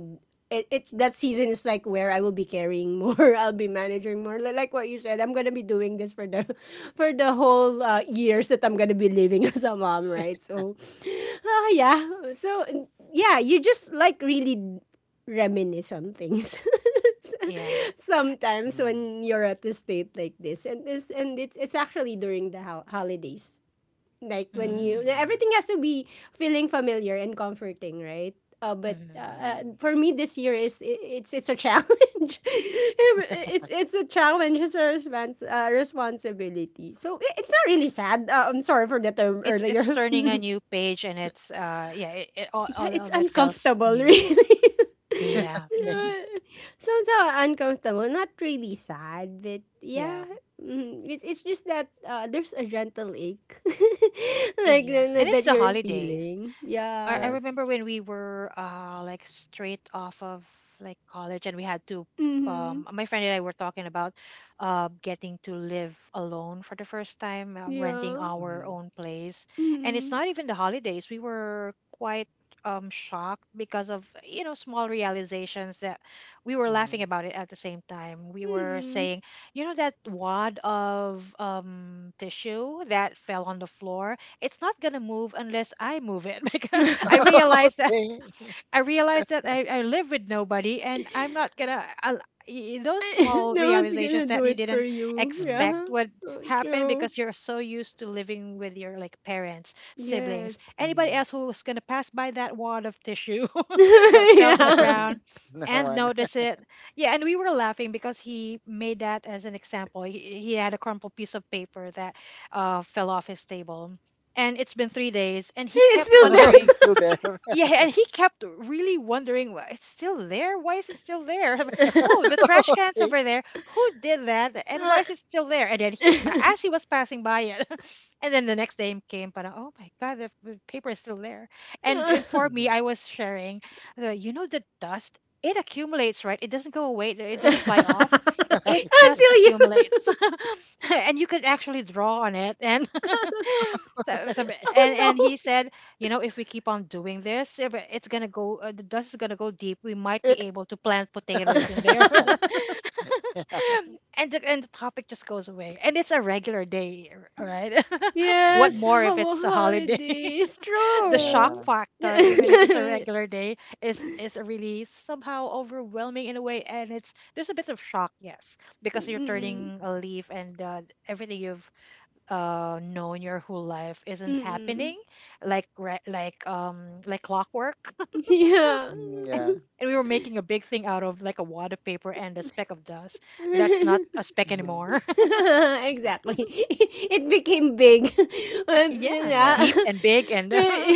it, it's that season is like where I will be carrying more. I'll be managing more. Li- Like what you said, I'm gonna be doing this for the for the whole years that I'm gonna be living as a mom, right? So, ah, yeah. So yeah, you just like really reminisce on things Yeah. sometimes Mm. when you're at a state like this and this, and it's actually during the ho- holidays, like when Mm, you, Mm, yeah. everything has to be feeling familiar and comforting, right? But mhm. Mm. For me this year is I- it's a challenge. It's a challenge, it's a respons- responsibility, so I- it's not really sad, I'm sorry for the term It's earlier. turning a new page and it's yeah, it Yeah, all it's of it feels uncomfortable, new. really. Yeah. Yeah, Okay. somehow uncomfortable, not really sad, but Yeah, yeah, mm, it's just that there's a gentle ache, like yeah, th- and th- Mm. it's that the you're holidays. feeling. I Yes. Yes. remember when we were like straight off of like college, and we had to Mm-hmm. My friend and I were talking about getting to live alone for the first time, renting Yeah. our Mm. own place, and it's Mm-hmm. not even the holidays. We were quite shocked because of, you know, small realizations that we were laughing Mm. about it. At the same time, we were Mm-hmm. saying, you know, that wad of tissue that fell on the floor, it's not gonna move unless I move it. Because I realized that Okay. I realized that I live with nobody and I'm not gonna those small No one's realizations gonna that do you it for didn't you. Mm. expect Yeah. would So happen true. because you're so used to living with your like parents, siblings, Yes. anybody Mm. else who's gonna pass by that wad of tissue that fell to the Yeah. ground No and one. notice it. Yeah, and we were laughing because he made that as an example. He had a crumpled piece of paper that fell off his table. And it's been three days, and he It's kept still wondering. It's still there. there. Yeah, and he kept really wondering, why it's still there? Why is it still there? Oh, the trash can's Okay. over there. Who did that? And why is it still there? And then he, as he was passing by it, and then the next day came, but oh my God, the paper is still there. And for me, Mhm. I was sharing, the, you know, the dust, it accumulates, right? It doesn't go away, it doesn't fly off, Until it just accumulates. you, And you could actually draw on it and and oh he said, you know, if we keep on doing this eh, but it's gonna go the dust is gonna go deep, we might no. be able to plant potatoes in there. Yeah. And and the topic just goes away and it's a regular right. What Yes, more if Homo it's a holiday? holidays. The Mm. shock True. Yeah. factor, even if it's a regular day, is really somehow overwhelming in a way, and it's there's a bit of shock, yes, because you're Mhm. Mm-mm. turning a leaf, and everything you've known your whole life isn't Mm-mm. happening like like clockwork. Yeah. Mm. Yeah. And we were making a big thing out of like a wad of paper and a speck of dust that's not a speck Mhm. anymore. Exactly. It became big. Yeah, yeah. Yeah. deep and big and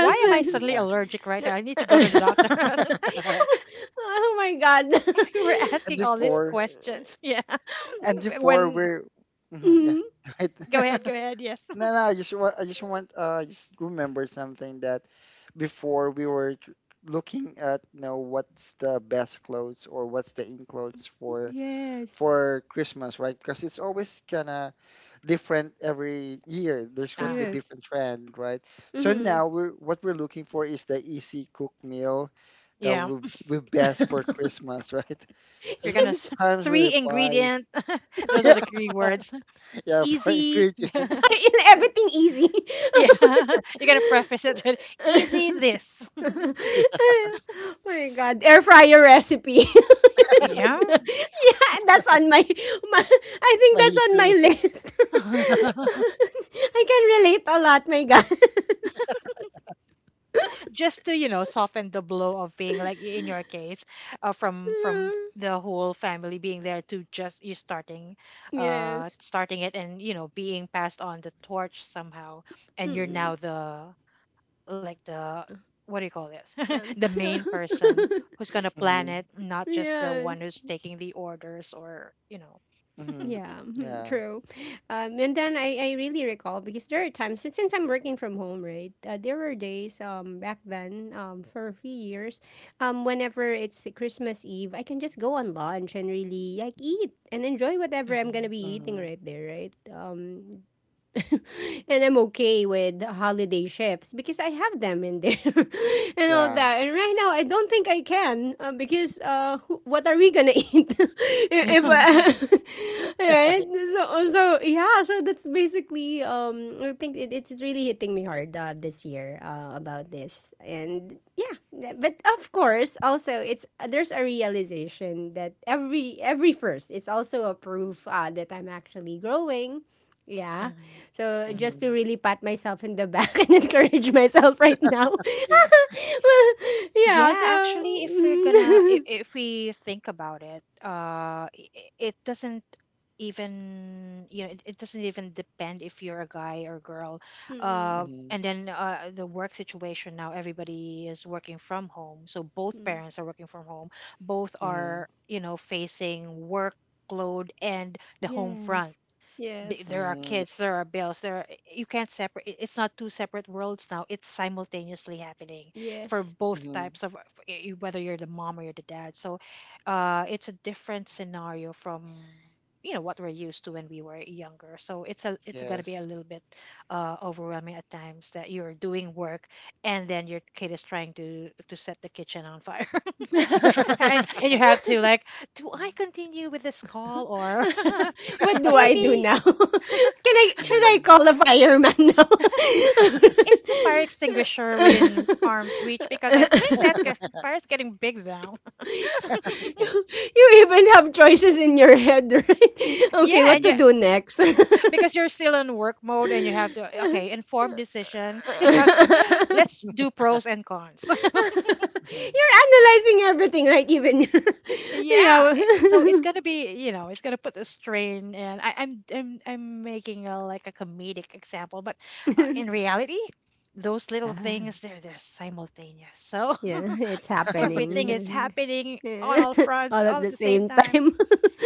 why am I And- suddenly Yeah. allergic right now? I need to go to the doctor. oh, oh my god. We were And asking all these before, questions. Yeah. and But before when we're mhm, yeah, Mm, right. go ahead, go ahead, yes. No, no, I just want, I just remember something that before we were looking at, you know, what's the best clothes or what's the in clothes for yes. Christmas, right? Because it's always kind of different every year. There's going to be Ah, Yes. different trend, right? So Mm-hmm. now we're what we're looking for is the easy cook meal that yeah, will be best for Christmas, right? So we're it's gonna really s- Yes, times three really flies. ingredient, those are the key Yeah, words. yeah, for Easy. ingredient. everything easy. Yeah. You gotta preface it with easy this. Yeah, Oh my god, air fryer recipe. Yeah, Yeah. that's on my, my, I think my that's on history. my list. I can relate a lot, my god. Just to, you know, soften the blow of being like, in your case, uh, from from the whole family being there to just you starting uh Yes. starting it and, you know, being passed on the torch somehow, and you're Mm, now the, like, the, what do you call this? um, The main person who's gonna plan Mm-hmm. it, not just the one who's yes. taking the orders, or, you know. Mm-hmm. Yeah, mhm, Yeah. true. And then I really recall because there are times since I'm working from home, right? There were days um, back then um, for a few years, um, whenever it's Christmas Eve, I can just go on lunch and really like eat and enjoy whatever I'm Mhm. gonna be eating Mm-hmm. right there, right? And I'm okay with holiday shifts because I have them in there and all Yeah. that. And right now, I don't think I can because who- what are we gonna eat if right? So so yeah, so that's basically um, I think it, it's really hitting me hard this year about this. And yeah, th- but of course also it's there's a realization that every first, it's also a proof that I'm actually growing. Yeah. Mhm. So just Mhm. to Mm-hmm. really pat myself in the back and encourage myself right now. Eh. Yeah, Yeah, so actually, if we're gonna, mm, if we think about it, it, it doesn't even, you know, it doesn't even depend if you're a guy or girl. mm, Mm-hmm. And then the work situation now, everybody is working from home. So both mm. parents are working from home. Both Mm-hmm. are, you know, facing workload and the home front Yes. b- Yes. there are Mm-hmm. Yeah. kids, there are bills, there are, eh, you can't separate. It's not two separate worlds now. It's simultaneously happening for Yes. both Mm-hmm. types of for whether you're the mom or you're the dad. So, it's a different scenario from, you know, what we're used to when we were younger. So it's a, it's gonna be a Yes. little bit overwhelming at times that you're doing work, and then your kid is trying to set the kitchen on fire, and you have to, like, do I continue with this call, or What do I Okay. do maybe? now? Can I should Mm-hmm. I call a fireman now? Is the fire extinguisher within arm's reach? Because I think that gets- fire is getting big now. Okay. you, you even have choices in your head, right? Yeah, Okay, what to Mm-hmm. do next? because you're still in work mode and you have to, okay, informed decision. You have to You're do pros and cons. Mhm. analyzing everything, right? Even your, yeah, Yeah. So it's w- gonna be, you know, it's gonna put a strain, and I'm making a like a comedic example, but in reality, those little yeah, things, they're simultaneous. So yeah. It's everything is happening. happening on Yeah. all fronts All at all at the the same same time. time.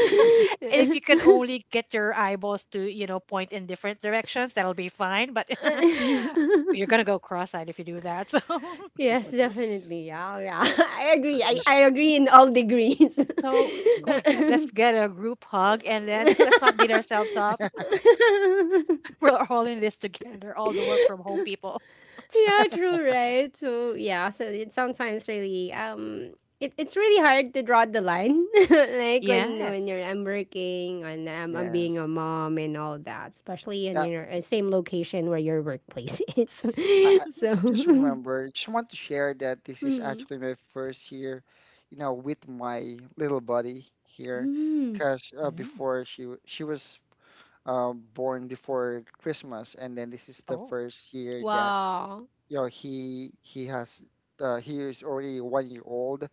And if you can only get your eyeballs to, you know, point in different directions, that'll be fine. But you're gonna go cross-eyed if you do that. Yes, definitely. Yeah, yeah. I agree. I, Just, I agree in all degrees. So, so we, mhm. let's get a group hug, and then let's not beat ourselves up. We're all in this together. All the work from home people. Yeah, true, right? So yeah, so it sometimes really it's really hard to draw the line like when Yes. you're I'm working and I'm being a Yes. mom and all that, especially in Yeah. your same location where your workplace is. So I just remember. Just want to share that this is mm, actually my first year, you know, with my little buddy here, mm, because Mm. before she was born before Christmas, and then this is the Oh. first year that wow. you know he has he is already 1 year old,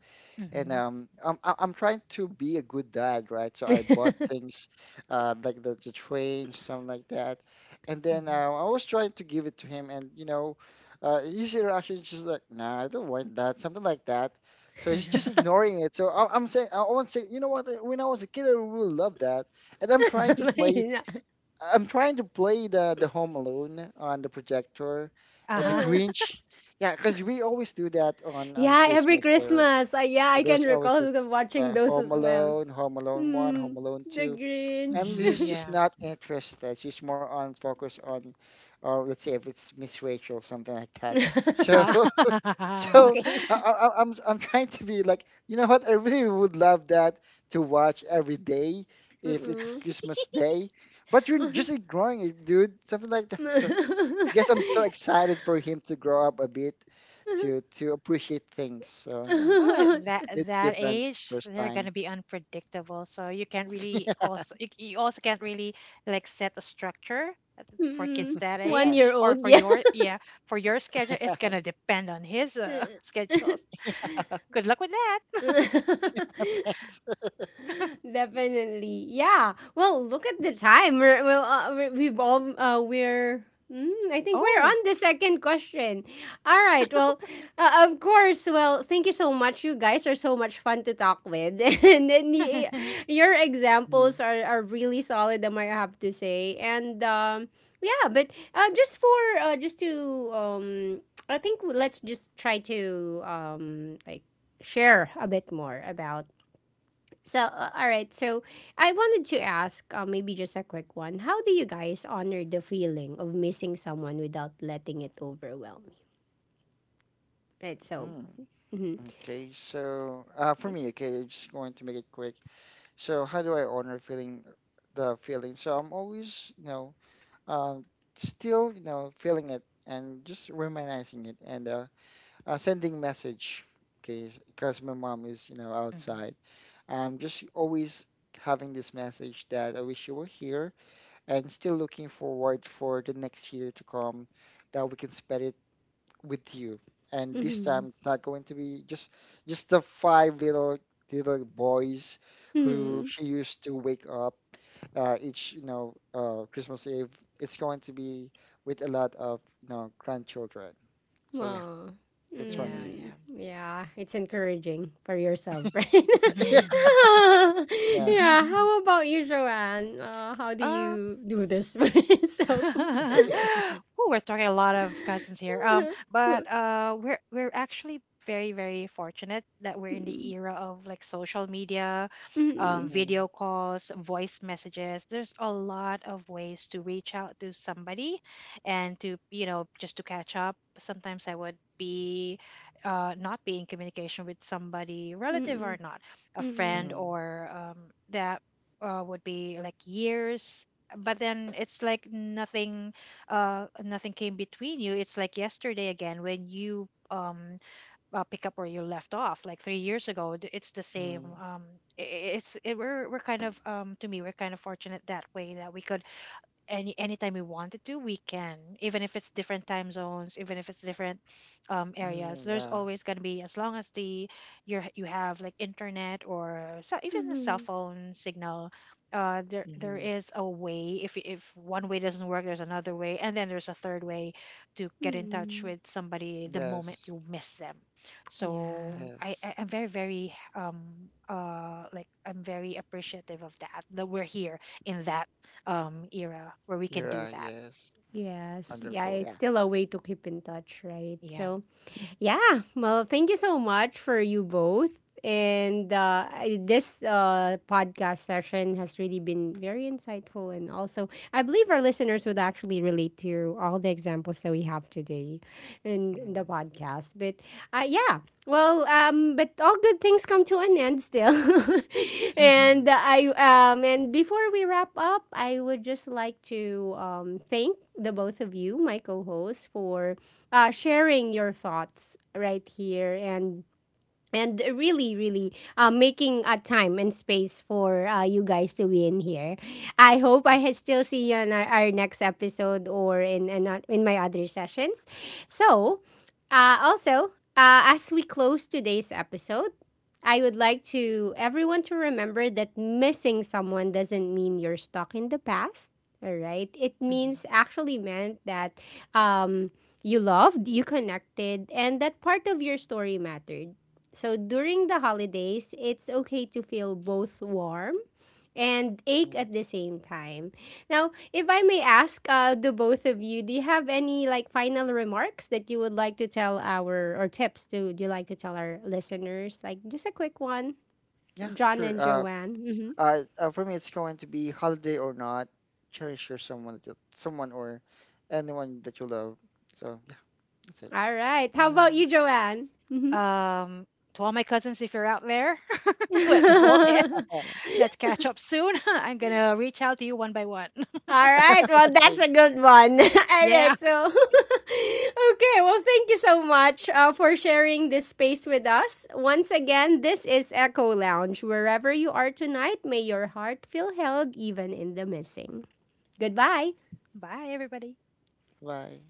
and Mm-hmm. I'm trying to be a good dad, right? So I bought things like the train, something like that, and then Mm-hmm. I was trying to give it to him, and you know, his reaction is just like, nah, I don't want that, something like that. So he's Mm-hmm. just ignoring it. So I'm saying, I want to say, you know what? When I was a kid, I really loved that, and I'm trying to play Amazing. The Home Alone on the projector Uh and the Uh, huh. Grinch. Yeah, because we always do that on yeah, every Christmas there. Christmas. Yeah, I can There's always this recall watching those Home as well. Alone, Home Alone one, Home Mm, Alone the two, and she's Mm-hmm. Grinch. just Yeah. not interested. She's more on focus on, or let's say if it's Miss Rachel, something like that. So Ah. so Okay. I'm trying to be like, you know what? I really would love that to watch every day if it's Mm-mm. Christmas Day. But you're just ignoring it, dude. Something like that. So guess I'm so excited for him to grow up a bit, to appreciate things. So yeah, Oh, it's at it's it's that different age, first they're time. gonna be unpredictable. So you can't really also, you also can't really, like, set a structure at the- for kids Mm, that One Yeah. year age, or old, for yeah. your, yeah, for your schedule. It's gonna depend on his schedules. Good luck with that. Thanks. Definitely. Yeah. Well, look at the time. We're well, we- we've all we're mm, I think we're on Oh. the second question. All right. Well, of course. Well, thank you so much. You guys are so much fun to talk with, your examples Mm. Are really solid. I have to say, and yeah. But just for just to um, I think let's just try to like share a bit more about so, all right. So, I wanted to ask, maybe just a quick one. How do you guys honor the feeling of missing someone without letting it overwhelm you? Right. So, Mm. mm-hmm. Okay, so for me, okay, I'm just going to make it quick. So how do I honor feeling the feeling? So I'm always, you know, um, still, you know, feeling it and just reminiscing it and sending message. Okay, because my mom is, you know, Mhm. outside. I'm just always having this message that I wish you were here, and still looking forward for the next year to come that we can spend it with you. And this Mm-hmm. time it's not going to be just the five little boys who Mm-hmm. she used to wake up each you know Christmas Eve. It's going to be with a lot of you know grandchildren. So yeah, Well, that's for Yeah, me. mm, yeah. yeah, it's encouraging for yourself, right? Yeah. Yeah. How about you, Joanne? How do Um, you do this for yourself? Ooh, we're talking a lot of cousins here. Mm-mm. But we're actually very very fortunate that we're in the era of, like, social media, Mm-mm. Mm-hmm. video calls, voice messages. There's a lot of ways to reach out to somebody, and to, you know, just to catch up. Sometimes I would be not be in communication with somebody, relative or Mm-mm. not, a Mm-mm. friend, Mm-hmm. or that would be like years, but then it's like nothing, nothing came between you. It's like yesterday again when you pick up where you left off like 3 years ago, it's the same. Mm-hmm. It's it, we're kind of, to me, we're kind of fortunate that way, that we could, any, anytime we wanted to we can, even if it's different time zones, even if it's different areas, Mm-hmm. there's Yeah. always going to be, as long as the, you have, like, internet, or so, even a cell Mm-mm. phone signal, there, there Mm-hmm. is a way. If one way doesn't work, there's another way, and then there's a third way to get in touch Hmm. with somebody the moment Yes. you miss them. Yeah. I, Yes. I'm very very like I'm very appreciative of that, that we're here in that era where we can do Era. that. Yes. Yes. Yeah, Wonderful. it's Yeah. still a way to keep in touch, right? Yeah. So, yeah. Well, thank you so much for you both. And this podcast session has really been very insightful. And also, I believe our listeners would actually relate to all the examples that we have today in the Mm-hmm. podcast. But yeah, well, but all good things come to an end still. Mhm. Mm-hmm. And I and before we wrap up, I would just like to thank the both of you, my co-hosts, for sharing your thoughts right here and really, really making a time and space for you guys to be in here. I hope I ha- Still see you on our next episode or in my other sessions. So, also, as we close today's episode, I would like to everyone to remember that missing someone doesn't mean you're stuck in the past. All right, it Mhm. means actually meant that um, you loved, you connected, and that part of your story mattered. So during the holidays, it's okay to feel both warm and ache at the same time. Now, if I may ask the both of you, do you have any like final remarks that you would like to tell our or tips to do you like to tell our listeners? Like just a quick one, Yeah, John sure. and Joanne. Mhm. For me, it's going to be holiday or not. Cherish your someone, that you, someone or anyone that you love. So yeah, that's it. All right. How about Um, you, Joanne? Mhm. um, to all my cousins, if you're out there, let's bolt in. Let's catch up soon. I'm gonna reach out to you one by one. All right. Well, that's Thank. a good one. All Yeah. right. So, okay. Well, thank you so much for sharing this space with us. Once again, this is Echo Lounge. Wherever you are tonight, may your heart feel held even in the missing. Goodbye. Bye, everybody. Bye.